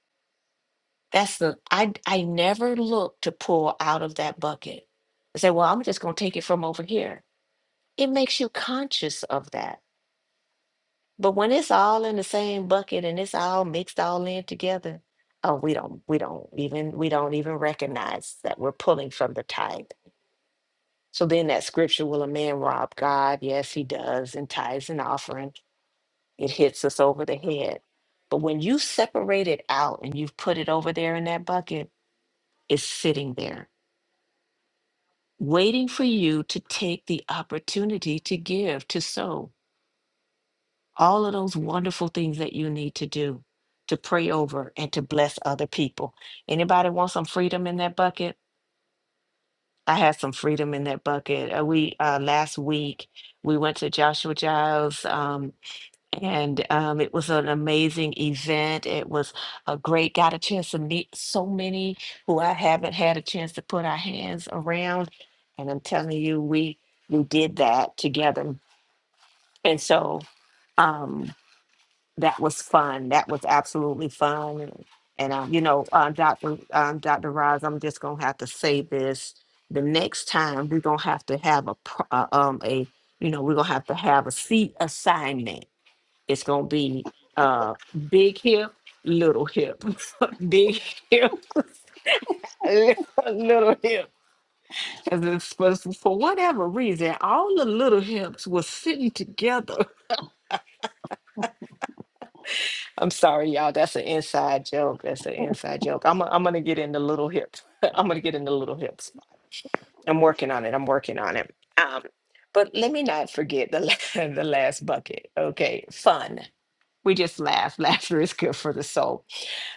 C: that's the I I never look to pull out of that bucket and say, well, I'm just gonna take it from over here. It makes you conscious of that. But when it's all in the same bucket and it's all mixed all in together, oh, we don't we don't even we don't even recognize that we're pulling from the tithe. So then that scripture, will a man rob God? Yes, he does, and tithes and offering. It hits us over the head. But when you separate it out and you've put it over there in that bucket, is sitting there waiting for you to take the opportunity to give, to sow all of those wonderful things that you need to do to pray over and to bless other people. Anybody want some freedom in that bucket? I had some freedom in that bucket. Uh, we uh, last week we went to Joshua Giles um, And um, it was an amazing event. It was a great, got a chance to meet so many who I haven't had a chance to put our hands around. And I'm telling you, we we did that together. And so um, that was fun. That was absolutely fun. And, and um, you know, uh, Dr. Um, Dr. Roz, I'm just gonna have to say this. The next time we're gonna have to have a pro- uh, um a you know we're gonna have to have a seat assignment it's gonna be uh big hip, little hip, big hip, little hip. Cause it's, for, for whatever reason, all the little hips were sitting together. I'm sorry, y'all. That's an inside joke. That's an inside joke. I'm i am i gonna get into little hips. I'm gonna get into little hips. I'm working on it. I'm working on it. Um, but let me not forget the la- the last bucket. Okay, fun. We just laugh. Laughter is good for the soul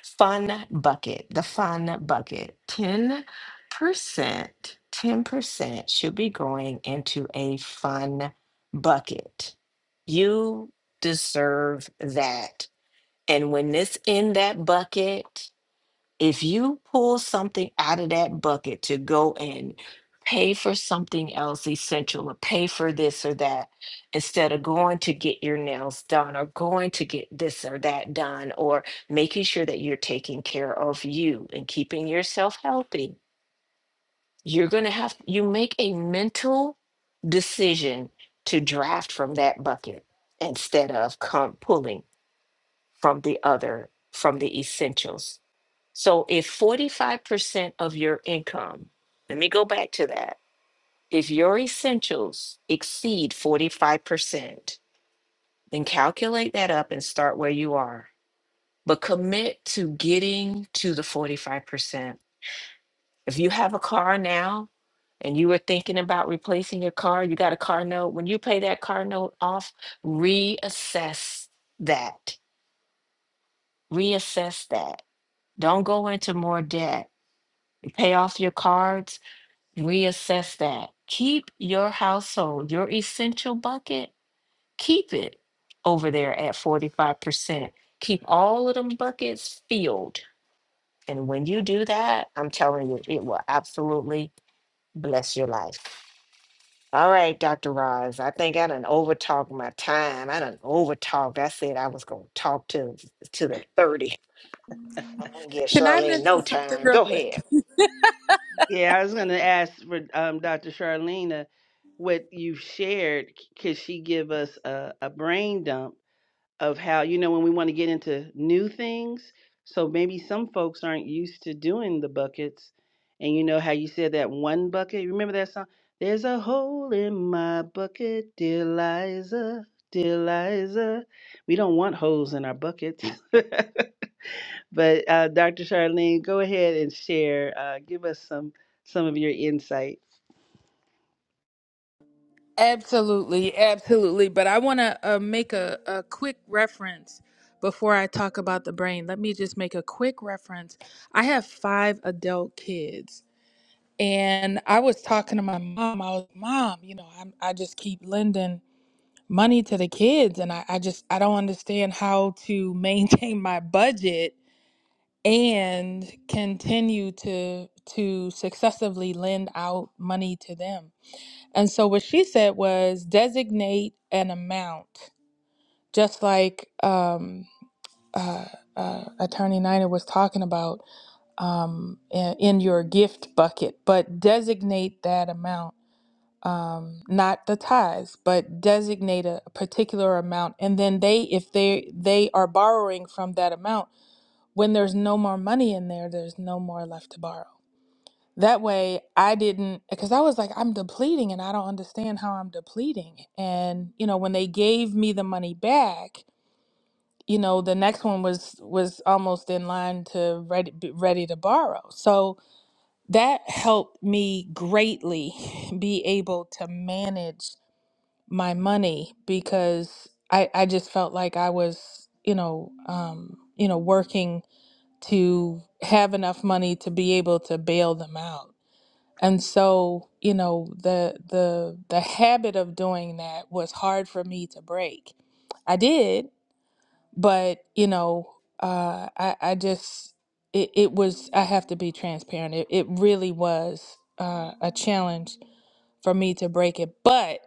C: Fun bucket, the fun bucket. 10%, 10% should be going into a fun bucket. You deserve that. And when it's in that bucket, if you pull something out of that bucket to go and pay for something else essential or pay for this or that instead of going to get your nails done or going to get this or that done or making sure that you're taking care of you and keeping yourself healthy you're going to have you make a mental decision to draft from that bucket instead of come pulling from the other from the essentials so if 45% of your income, let me go back to that. If your essentials exceed 45%, then calculate that up and start where you are. But commit to getting to the 45%. If you have a car now and you were thinking about replacing your car, you got a car note, when you pay that car note off, reassess that. Reassess that. Don't go into more debt. Pay off your cards reassess that. Keep your household, your essential bucket, keep it over there at 45%. Keep all of them buckets filled. And when you do that, I'm telling you, it will absolutely bless your life. All right, Dr. Roz, I think I done overtalked my time. I done overtalked. I said I was gonna talk to to the 30. I Don't give
D: Can I
C: Charlene no
D: mention something
C: time.
D: real
C: Go
D: quick?
C: ahead.
A: Yeah, I was going to ask for um, Dr. Charlene uh, what you shared. c- Could she give us a, a brain dump? of how you know when we want to get into new things so maybe some folks aren't used to doing the buckets and you know how you said that one bucket remember that song there's a hole in my bucket dear liza dear liza we don't want holes in our buckets but uh, dr charlene go ahead and share uh, give us some some of your insight
D: Absolutely, absolutely. But I want to uh, make a, a quick reference before I talk about the brain. Let me just make a quick reference. I have five adult kids, and I was talking to my mom. I was, Mom, you know, I'm, I just keep lending money to the kids, and I, I just I don't understand how to maintain my budget and continue to to successively lend out money to them And so what she said was designate an amount, just like um, uh, uh, Attorney Niner was talking about um, in, in your gift bucket, but designate that amount, um, not the tithes, but designate a particular amount. And then they, if they they are borrowing from that amount, when there's no more money in there, there's no more left to borrow. That way, I didn't, because I was like, I'm depleting and I don't understand how I'm depleting. And, you know, when they gave me the money back, you know, the next one was was almost in line to ready be ready to borrow. So that helped me greatly be able to manage my money because I I just felt like I was, you know, um, you know, working to have enough money to be able to bail them out. And so, you know, the the the habit of doing that was hard for me to break. I did, but you know, uh, I I just it, it was I have to be transparent. It it really was uh, a challenge for me to break it. But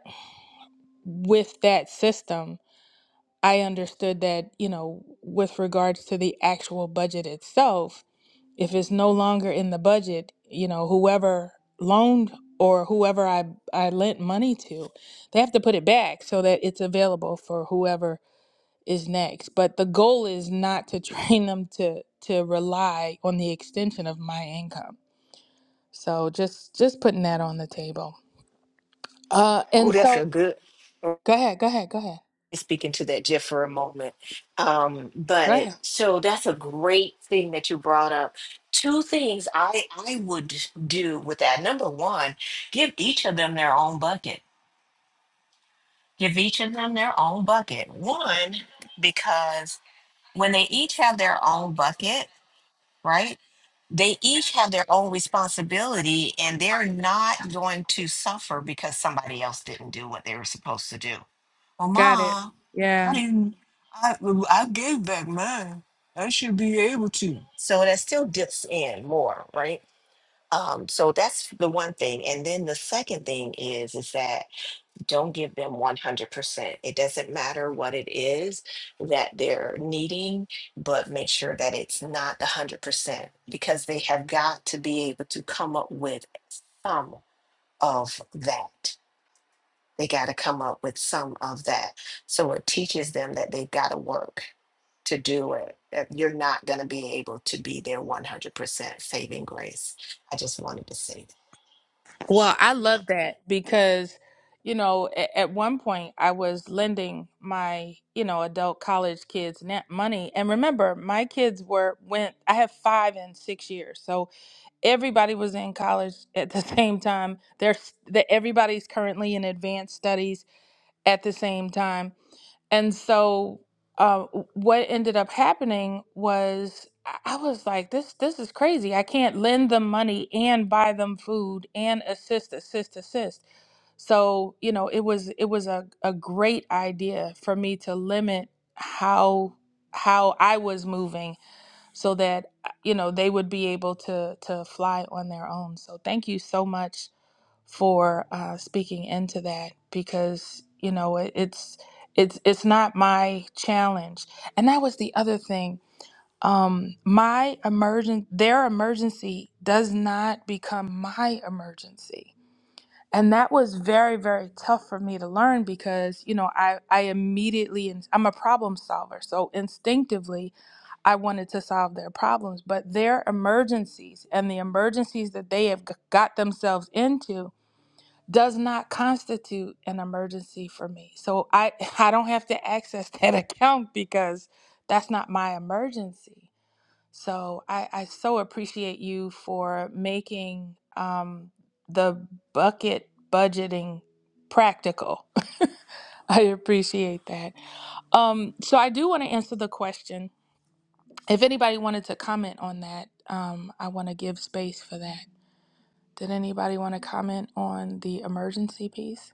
D: with that system, I understood that you know, with regards to the actual budget itself, if it's no longer in the budget, you know, whoever loaned or whoever I, I lent money to, they have to put it back so that it's available for whoever is next. But the goal is not to train them to to rely on the extension of my income. So just just putting that on the table. Uh
C: Oh,
D: and
C: that's
D: so
C: a good.
D: go ahead, go ahead, go ahead.
C: speak into that just for a moment. Um,
D: Go
C: but
D: ahead.
C: so that's a great thing that you brought up. Two things I I would do with that. Number one, give each of them their own bucket. Give each of them their own bucket. One, because when they each have their own bucket, right? They each have their own responsibility and they're not going to suffer because somebody else didn't do what they were supposed to do well,
D: Got it.
C: Ma, I
D: Yeah.
C: didn't. I I gave back mine. I should be able to. So that still dips in more, right? Um, so that's the one thing. And then the second thing is is that don't give them 100%. It doesn't matter what it is that they're needing, but make sure that it's not 100% because they have got to be able to come up with some of that. They got to come up with some of that. So it teaches them that they've got to work to do it. That you're not going to be able to be their 100% saving grace. I just wanted to say
D: Well, I
C: that.
D: love that because, you know, at, at one point I was lending my, you know, adult college kids net money. And remember, my kids were went I have 5 and 6 years. So everybody was in college at the same time. There's that everybody's currently in advanced studies at the same time. And so, uh, what ended up happening was I I was like, this this is crazy. I can't lend them money and buy them food and assist, assist, assist. So you know, it was it was a, a great idea for me to limit how how I was moving so that uh, you know they would be able to to fly on their own. So thank you so much for uh, speaking into that because you know it, it's it's it's not my challenge and that was the other thing um my emergen, their emergency does not become my emergency and that was very very tough for me to learn because you know i i immediately and i'm a problem solver so instinctively I wanted to solve their problems, but their emergencies and the emergencies that they have g- got themselves into does not constitute an emergency for me. So I I don't have to access that account because that's not my emergency. So I, I so appreciate you for making um, the bucket budgeting practical. I appreciate that. Um, so I do want to answer the question. If anybody wanted to comment on that, um, I want to give space for that. Did anybody want to comment on the emergency piece?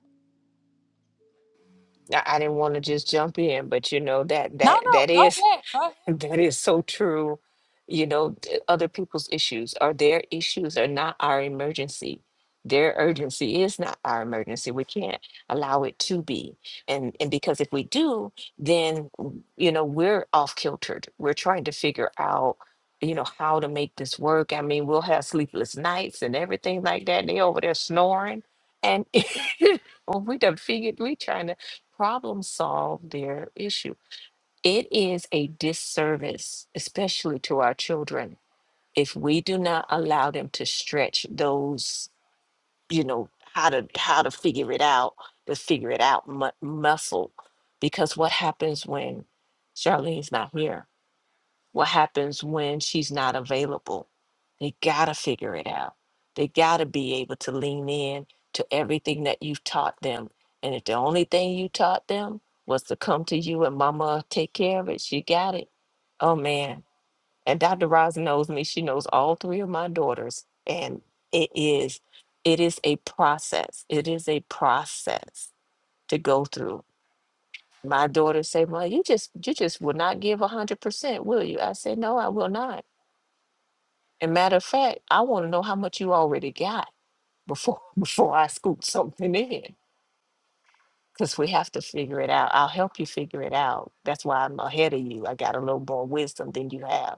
C: I I didn't want to just jump in, but you know that
D: No,
C: that
D: no,
C: that
D: go
C: is
D: ahead. Go ahead.
C: That is so true. You know, th- other people's issues are their issues are not our emergency. Their urgency is not our emergency. We can't allow it to be. And and because if we do, then w- you know, we're off kiltered. We're trying to figure out, you know, how to make this work. I mean, we'll have sleepless nights and everything like that. They over there snoring. And well, we done figured we trying to problem solve their issue. It is a disservice, especially to our children, if we do not allow them to stretch those, you know, how to how to figure it out, the figure it out mu- muscle, because what happens when Charlene's not here? what happens when she's not available. They got to figure it out. They got to be able to lean in to everything that you've taught them. And if the only thing you taught them was to come to you and mama take care of it, she got it. Oh man. And Dr. Roz knows me. She knows all three of my daughters. And it is, it is a process. It is a process to go through. My daughters say, "Well, you just you just will not give a hundred percent, will you? I say, No, I will not and matter of fact, I want to know how much you already got before before I scoop something in. Because we have to figure it out. I'll help you figure it out. That's why I'm ahead of you. I got a little more wisdom than you have.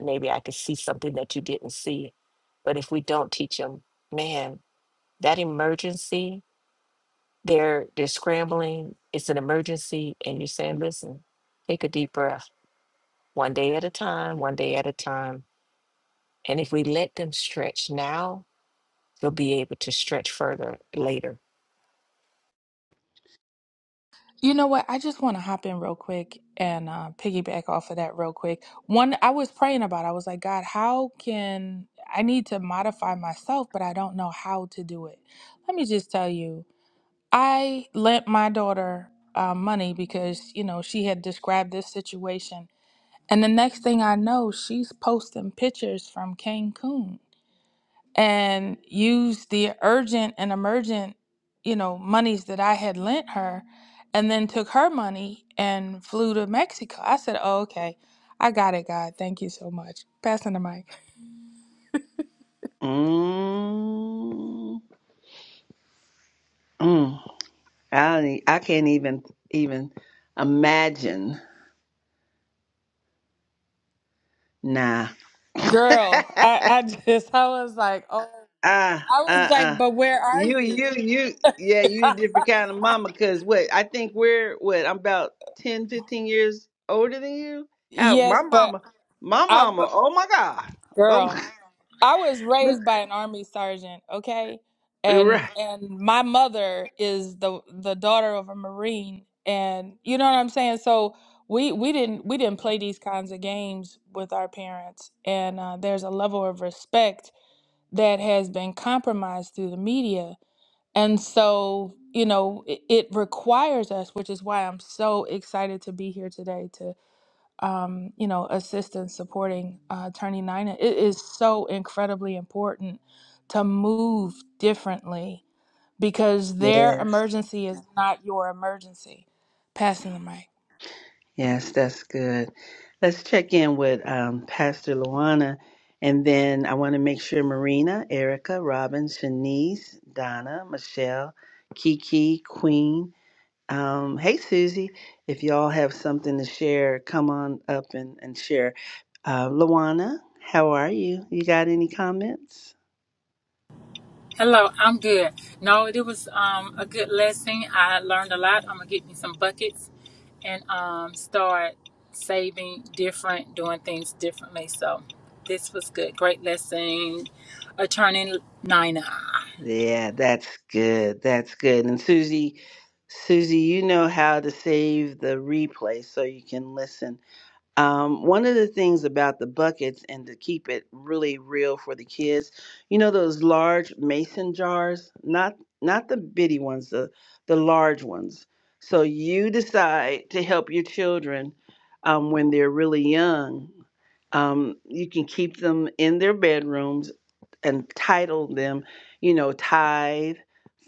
C: Maybe I could see something that you didn't see. But if we don't teach them, man, that emergency, they're they're scrambling. It's an emergency, and you're saying, listen, take a deep breath, one day at a time, one day at a time. And if we let them stretch now, you'll be able to stretch further later.
D: You know what? I just want to hop in real quick and uh, piggyback off of that real quick. One, I was praying about. I was like, God, how can I need to modify myself, but I don't know how to do it. Let me just tell you, I lent my daughter uh, money because you know she had described this situation, and the next thing I know, she's posting pictures from Cancun and used the urgent and emergent, you know, monies that I had lent her and then took her money and flew to Mexico. I said, Oh, okay. I got it, God. Thank you so much. Passing the mic.
A: mm, mm. I, don't e- I can't even even imagine Nah.
D: Girl, I, I just I was like, oh
A: Ah,
D: I
A: uh,
D: was like,
A: uh.
D: but where are
A: You, you,
D: you?
A: you, yeah, you a different kind of mama. Cause what I think we're what I'm about 10, 15 years older than you. How
D: yes,
A: my
D: but
A: mama, my
D: I
A: mama. Oh my god. Oh
D: girl.
A: my.
D: I was raised by an army sergeant, okay? And
A: Right.
D: and my mother is the the daughter of a marine and you know what I'm saying? So we we didn't we didn't play these kinds of games with our parents and uh, there's a level of respect that has been compromised through the media. And so, you know, it, it requires us, which is why I'm so excited to be here today um, you know, assistance supporting uh, Attorney Nina. It is so incredibly important to move differently because their
A: Yes.
D: emergency is not your emergency. Passing the mic.
A: Yes, that's good. Let's check in with um, Pastor Luana, and then I want to make sure Marina, Erica, Robin, Shanice, Donna, Michelle, Kiki, Queen. Um, hey, Susie, if y'all have something to share, come on up and, and share. Uh, Luana, how are you? You got any comments?
B: Hello, I'm good. No, it was um, a good lesson. I learned a lot. I'm gonna get me some buckets and um, start saving different, doing things differently. So this was good. Great lesson, Attorney Nina.
A: Yeah, that's good. That's good. And Susie, Susie, you know how to save the replay so you can listen. Um, one of the things about the buckets and to keep it really real for the kids, you know those large mason jars, not not the bitty ones, the the large ones. So you decide to help your children um, when they're really young. Um, you can keep them in their bedrooms and title them, you know, tithe,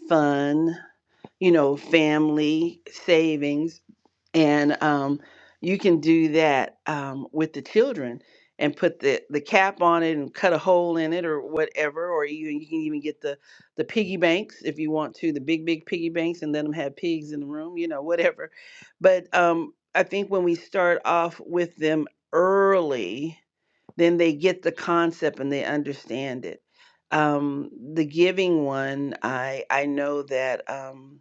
A: fun, you know, family savings and um, you can do that um, with the children and put the, the cap on it and cut a hole in it or whatever or you, you can even get the the piggy banks if you want to the big big piggy banks and let them have pigs in the room you know whatever but um, i think when we start off with them early then they get the concept and they understand it um, the giving one i i know that Um,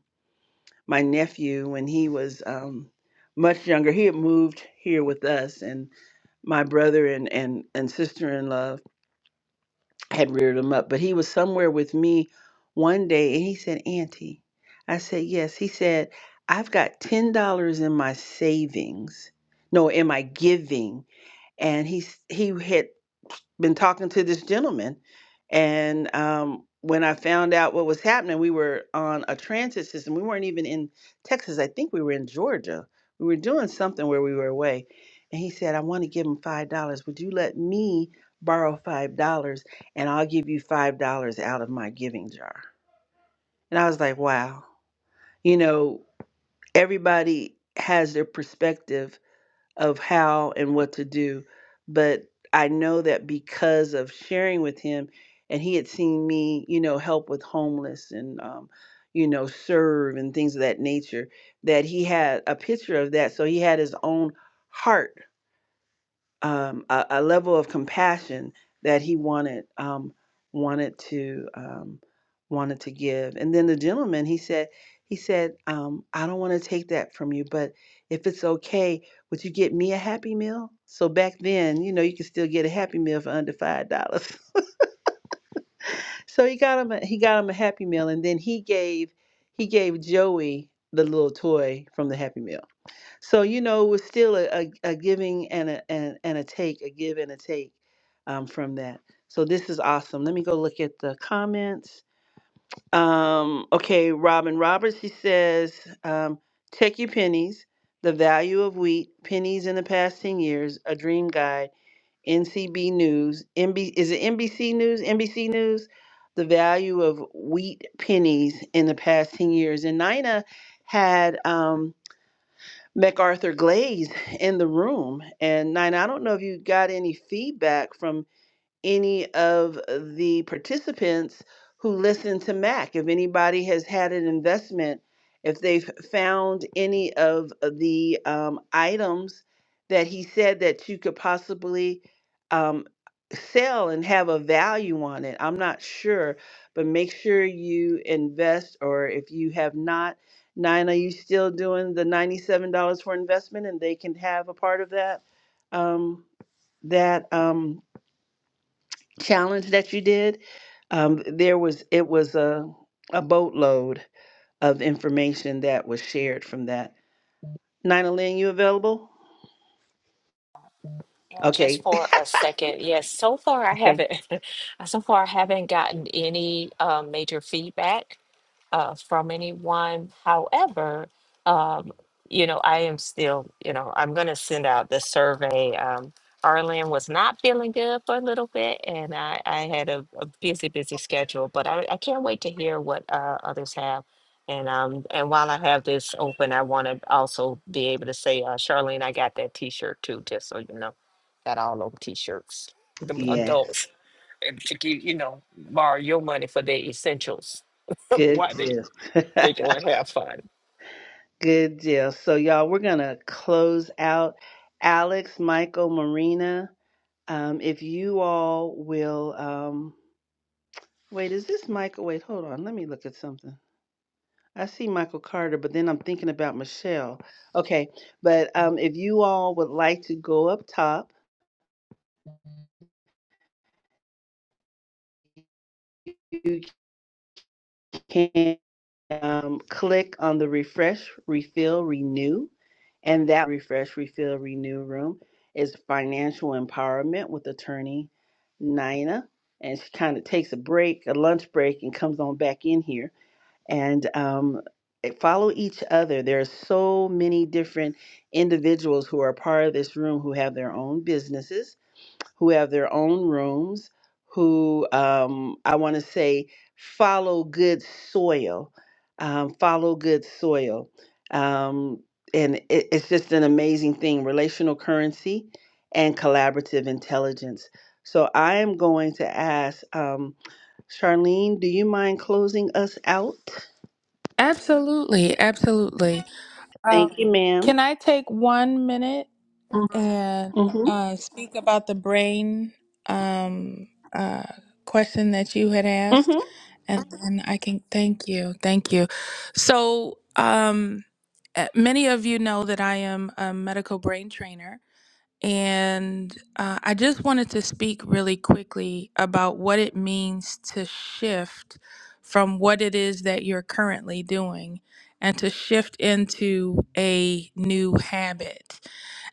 A: my nephew when he was um, much younger. He had moved here with us, and my brother and, and, and sister in law had reared him up. But he was somewhere with me one day, and he said, Auntie, I said, Yes. He said, I've got $10 in my savings, no, in my giving. And he, s- he had been talking to this gentleman and um when I found out what was happening, we were on a transit system. We weren't even in Texas. I think we were in Georgia. We were doing something where we were away. And he said, I want to give him $5. Would you let me borrow $5 and I'll give you $5 out of my giving jar? And I was like, wow. You know, everybody has their perspective of how and what to do. But I know that because of sharing with him, and he had seen me, you know, help with homeless and, um, you know, serve and things of that nature, that he had a picture of that. So he had his own heart um, a, a level of compassion that he wanted um, wanted to um, wanted to give. And then the gentleman, he said, he said, um, I don't want to take that from you, but if it's okay, would you get me a Happy Meal? So back then, you know, you could still get a Happy Meal for under five dollars. so he got him a, he got him a Happy Meal, and then he gave he gave Joey the little toy from the Happy Meal. So you know, it was still a, a, a giving and a and, and a take, a give and a take um, from that. So this is awesome. Let me go look at the comments. Um, okay, Robin Roberts, she says, um, check your pennies, the value of wheat, pennies in the past 10 years, a dream guide, NCB News, N B is it NBC News, NBC News? The value of wheat pennies in the past 10 years. And Nina had, um, MacArthur Glaze in the room. And Nina, I don't know if you got any feedback from any of the participants who listen to Mac. If anybody has had an investment, if they've found any of the um, items that he said that you could possibly um, sell and have a value on it, I'm not sure, but make sure you invest, or if you have not, Nine, are you still doing the $97 for investment and they can have a part of that? Um, that. Um, challenge that you did, um, there was it was a a boatload of information that was shared from that. Nina Lynn, you available?
C: Yeah, just
A: Okay.
C: for a second. Yes, so far I
A: Okay.
C: haven't so far I haven't gotten any um, major feedback. uh, from anyone. However, um, you know, I am still, you know, I'm going to send out the survey. Um, Arlen was not feeling good for a little bit, and I, I had a, a busy, busy schedule, but I, I can't wait to hear what uh, others have. And um, and while I have this open, I want to also be able to say, uh, Charlene, I got that T-shirt too, just so you know, got all those T-shirts, the
A: Yes.
C: adults, and to give you know, borrow your money for the essentials.
A: Good
C: Why
A: deal.
C: they go and have fun.
A: Good deal. So y'all, we're gonna close out. Alex, Michael, Marina. Um, if you all will um wait, is this Michael? Wait, hold on. Let me look at something. I see Michael Carter, but then I'm thinking about Michelle. Okay, but um, if you all would like to go up top, you can um, click on the refresh, refill, renew, and that refresh, refill, renew room is financial empowerment with attorney Nina, and she kind of takes a break, a lunch break, and comes on back in here. and um, eh, follow each other. There are so many different individuals who are part of this room who have their own businesses, who have their own rooms, who um, I want to say follow good soil, um, follow good soil. Um, and it, it's just an amazing thing relational currency and collaborative intelligence. So I am going to ask um, Charlene, do you mind closing us out?
D: Absolutely, absolutely. Um,
A: Thank you, ma'am.
D: can I take one minute? and
A: Mm-hmm.
D: uh, speak about the brain um, uh, question that you had asked,
A: Mm-hmm.
D: and then I can thank you, thank you. So, um, uh, many of you know that I am a medical brain trainer, and uh, I just wanted to speak really quickly about what it means to shift from what it is that you're currently doing and to shift into a new habit.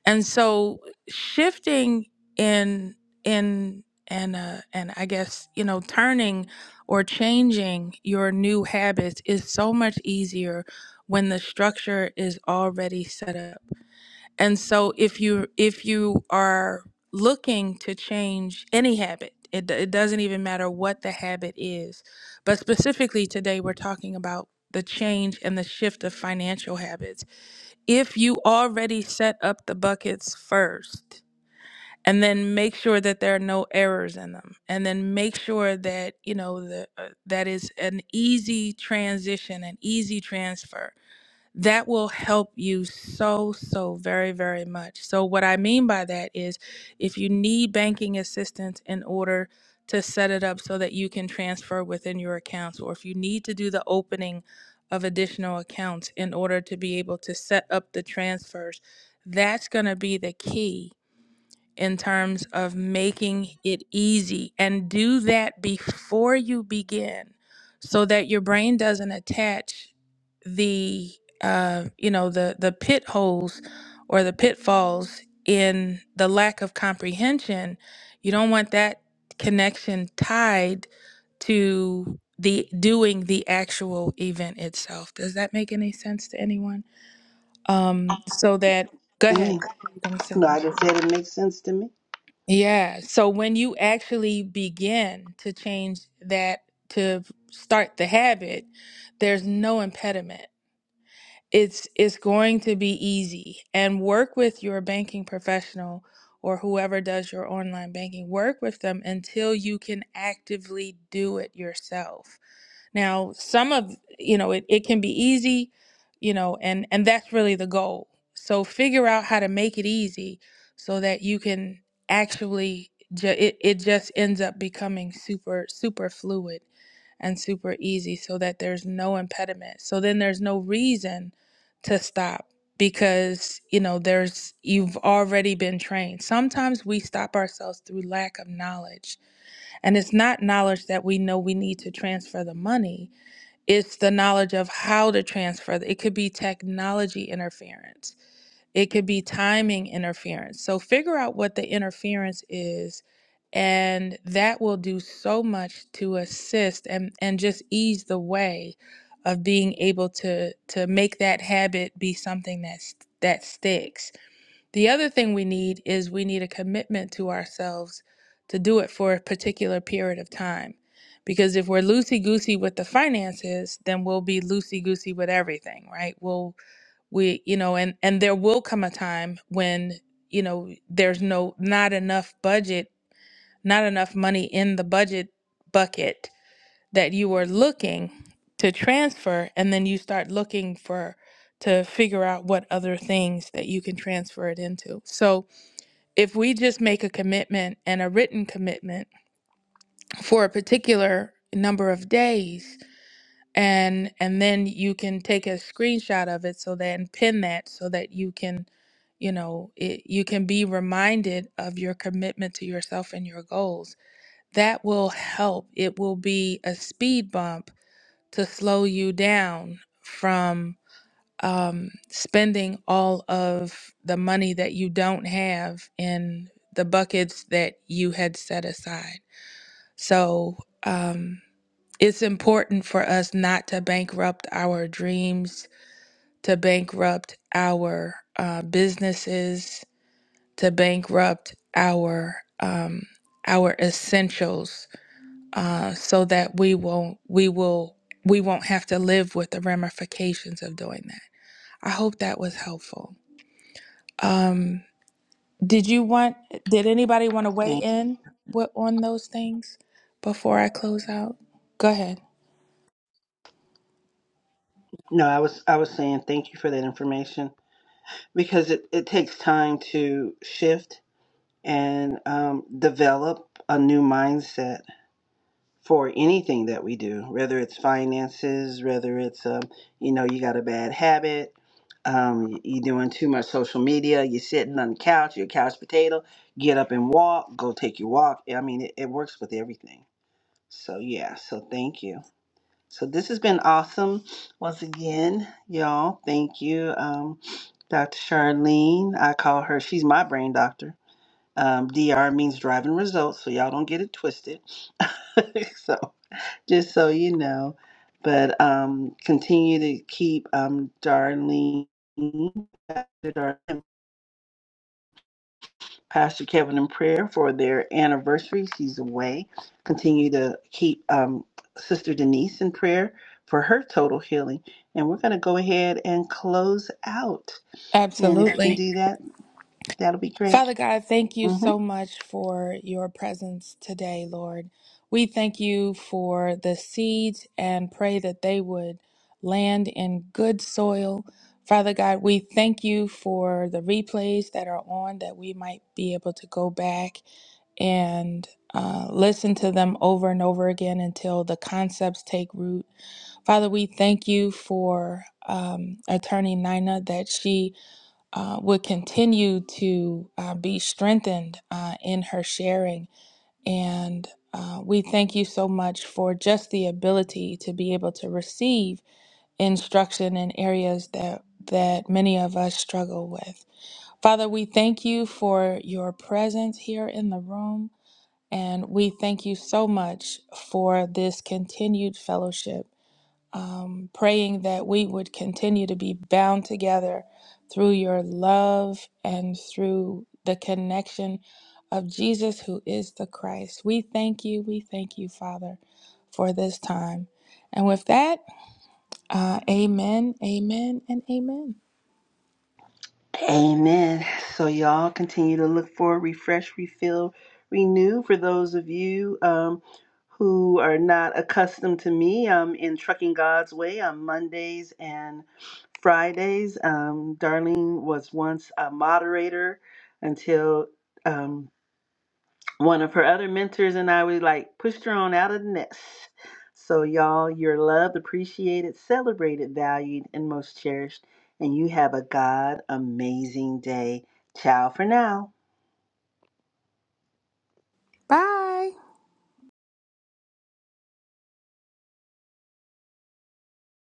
D: And so shifting in in and uh, and I guess you know turning or changing your new habits is so much easier when the structure is already set up. And so if you if you are looking to change any habit, it, it doesn't even matter what the habit is. But specifically today we're talking about the change and the shift of financial habits. If you already set up the buckets first and then make sure that there are no errors in them and then make sure that you know the, uh, that is an easy transition an easy transfer that will help you so, so very, very much. So, what I mean by that is if you need banking assistance in order to set it up so that you can transfer within your accounts, or if you need to do the opening of additional accounts in order to be able to set up the transfers, that's going to be the key in terms of making it easy and do that before you begin so that your brain doesn't attach the uh, you know the the pit holes or the pitfalls in the lack of comprehension you don't want that connection tied to the doing the actual event itself does that make any sense to anyone um so that go
A: I
D: ahead
A: mean,
D: What were you gonna say?
A: no, I just said it makes sense to me.
D: Yeah. So when you actually begin to change that to start the habit, there's no impediment. It's it's going to be easy. And work with your banking professional or whoever does your online banking. Work with them until you can actively do it yourself. Now, some of, you know, it, it can be easy, you know, and and that's really the goal. So figure out how to make it easy so that you can actually ju- it, it just ends up becoming super super fluid and super easy so that there's no impediment. So then there's no reason to stop because, you know, there's you've already been trained. Sometimes we stop ourselves through lack of knowledge. And it's not knowledge that we know we need to transfer the money it's the knowledge of how to transfer it could be technology interference it could be timing interference so figure out what the interference is and that will do so much to assist and and just ease the way of being able to to make that habit be something that's that sticks the other thing we need is we need a commitment to ourselves to do it for a particular period of time. Because if we're loosey goosey with the finances, then we'll be loosey goosey with everything, right? We'll, we, you know, and, and there will come a time when, you know, there's no, not enough budget, not enough money in the budget bucket that you are looking to transfer. And then you start looking for, to figure out what other things that you can transfer it into. So, if we just make a commitment and a written commitment for a particular number of days and and then you can take a screenshot of it so that and pin that so that you can you know it, you can be reminded of your commitment to yourself and your goals that will help it will be a speed bump to slow you down from um, spending all of the money that you don't have in the buckets that you had set aside. So um, it's important for us not to bankrupt our dreams, to bankrupt our uh, businesses, to bankrupt our um, our essentials, uh, so that we won't we will we won't have to live with the ramifications of doing that. I hope that was helpful. Um, did you want, did anybody want to weigh
A: Thank.
D: in what, on those things before I close out? Go ahead.
A: No, I was I was saying thank you for that information because it, it takes time to shift and um, develop a new mindset for anything that we do, whether it's finances, whether it's um, you know you got a bad habit, um, you're doing too much social media, you're sitting on the couch, you're a couch potato, get up and walk, go take your walk. I mean, it, it works with everything. So yeah, so thank you. So this has been awesome once again, y'all. Thank you, um, Dr. Charlene. I call her. She's my brain doctor. Um, DR means driving results, so y'all don't get it twisted. so just so you know, but um, continue to keep um, Darlene, Doctor Darlene Pastor Kevin in prayer for their anniversaries. He's away. Continue to keep um, Sister Denise in prayer for her total healing. And we're going to go ahead and close out. And if you can
D: Absolutely.
A: do that, that'll be great.
D: Father God, thank you
A: Mm-hmm.
D: so much for your presence today, Lord. We thank you for the seeds and pray that they would land in good soil. Father God, we thank you for the replays that are on that we might be able to go back and uh, listen to them over and over again until the concepts take root. Father, we thank you for um, attorney Nina that she uh, would continue to uh, be strengthened uh, in her sharing. And uh, we thank you so much for just the ability to be able to receive instruction in areas that, that many of us struggle with. Father, we thank you for your presence here in the room. And we thank you so much for this continued fellowship um, praying that we would continue to be bound together through your love and through the connection of Jesus, who is the Christ. We thank you. We thank you, Father, for this time. And with that, uh, amen, amen, and amen.
A: Amen. So y'all continue to look for refresh, refill, renew. For those of you um, who are not accustomed to me, I'm in Trucking God's Way on Mondays and Fridays. Um, Darlene was once a moderator until. Um, one of her other mentors and I, we like pushed her on out of the nest. So, y'all, you're loved, appreciated, celebrated, valued, and most cherished. And you have a God amazing day. Ciao for now.
D: Bye.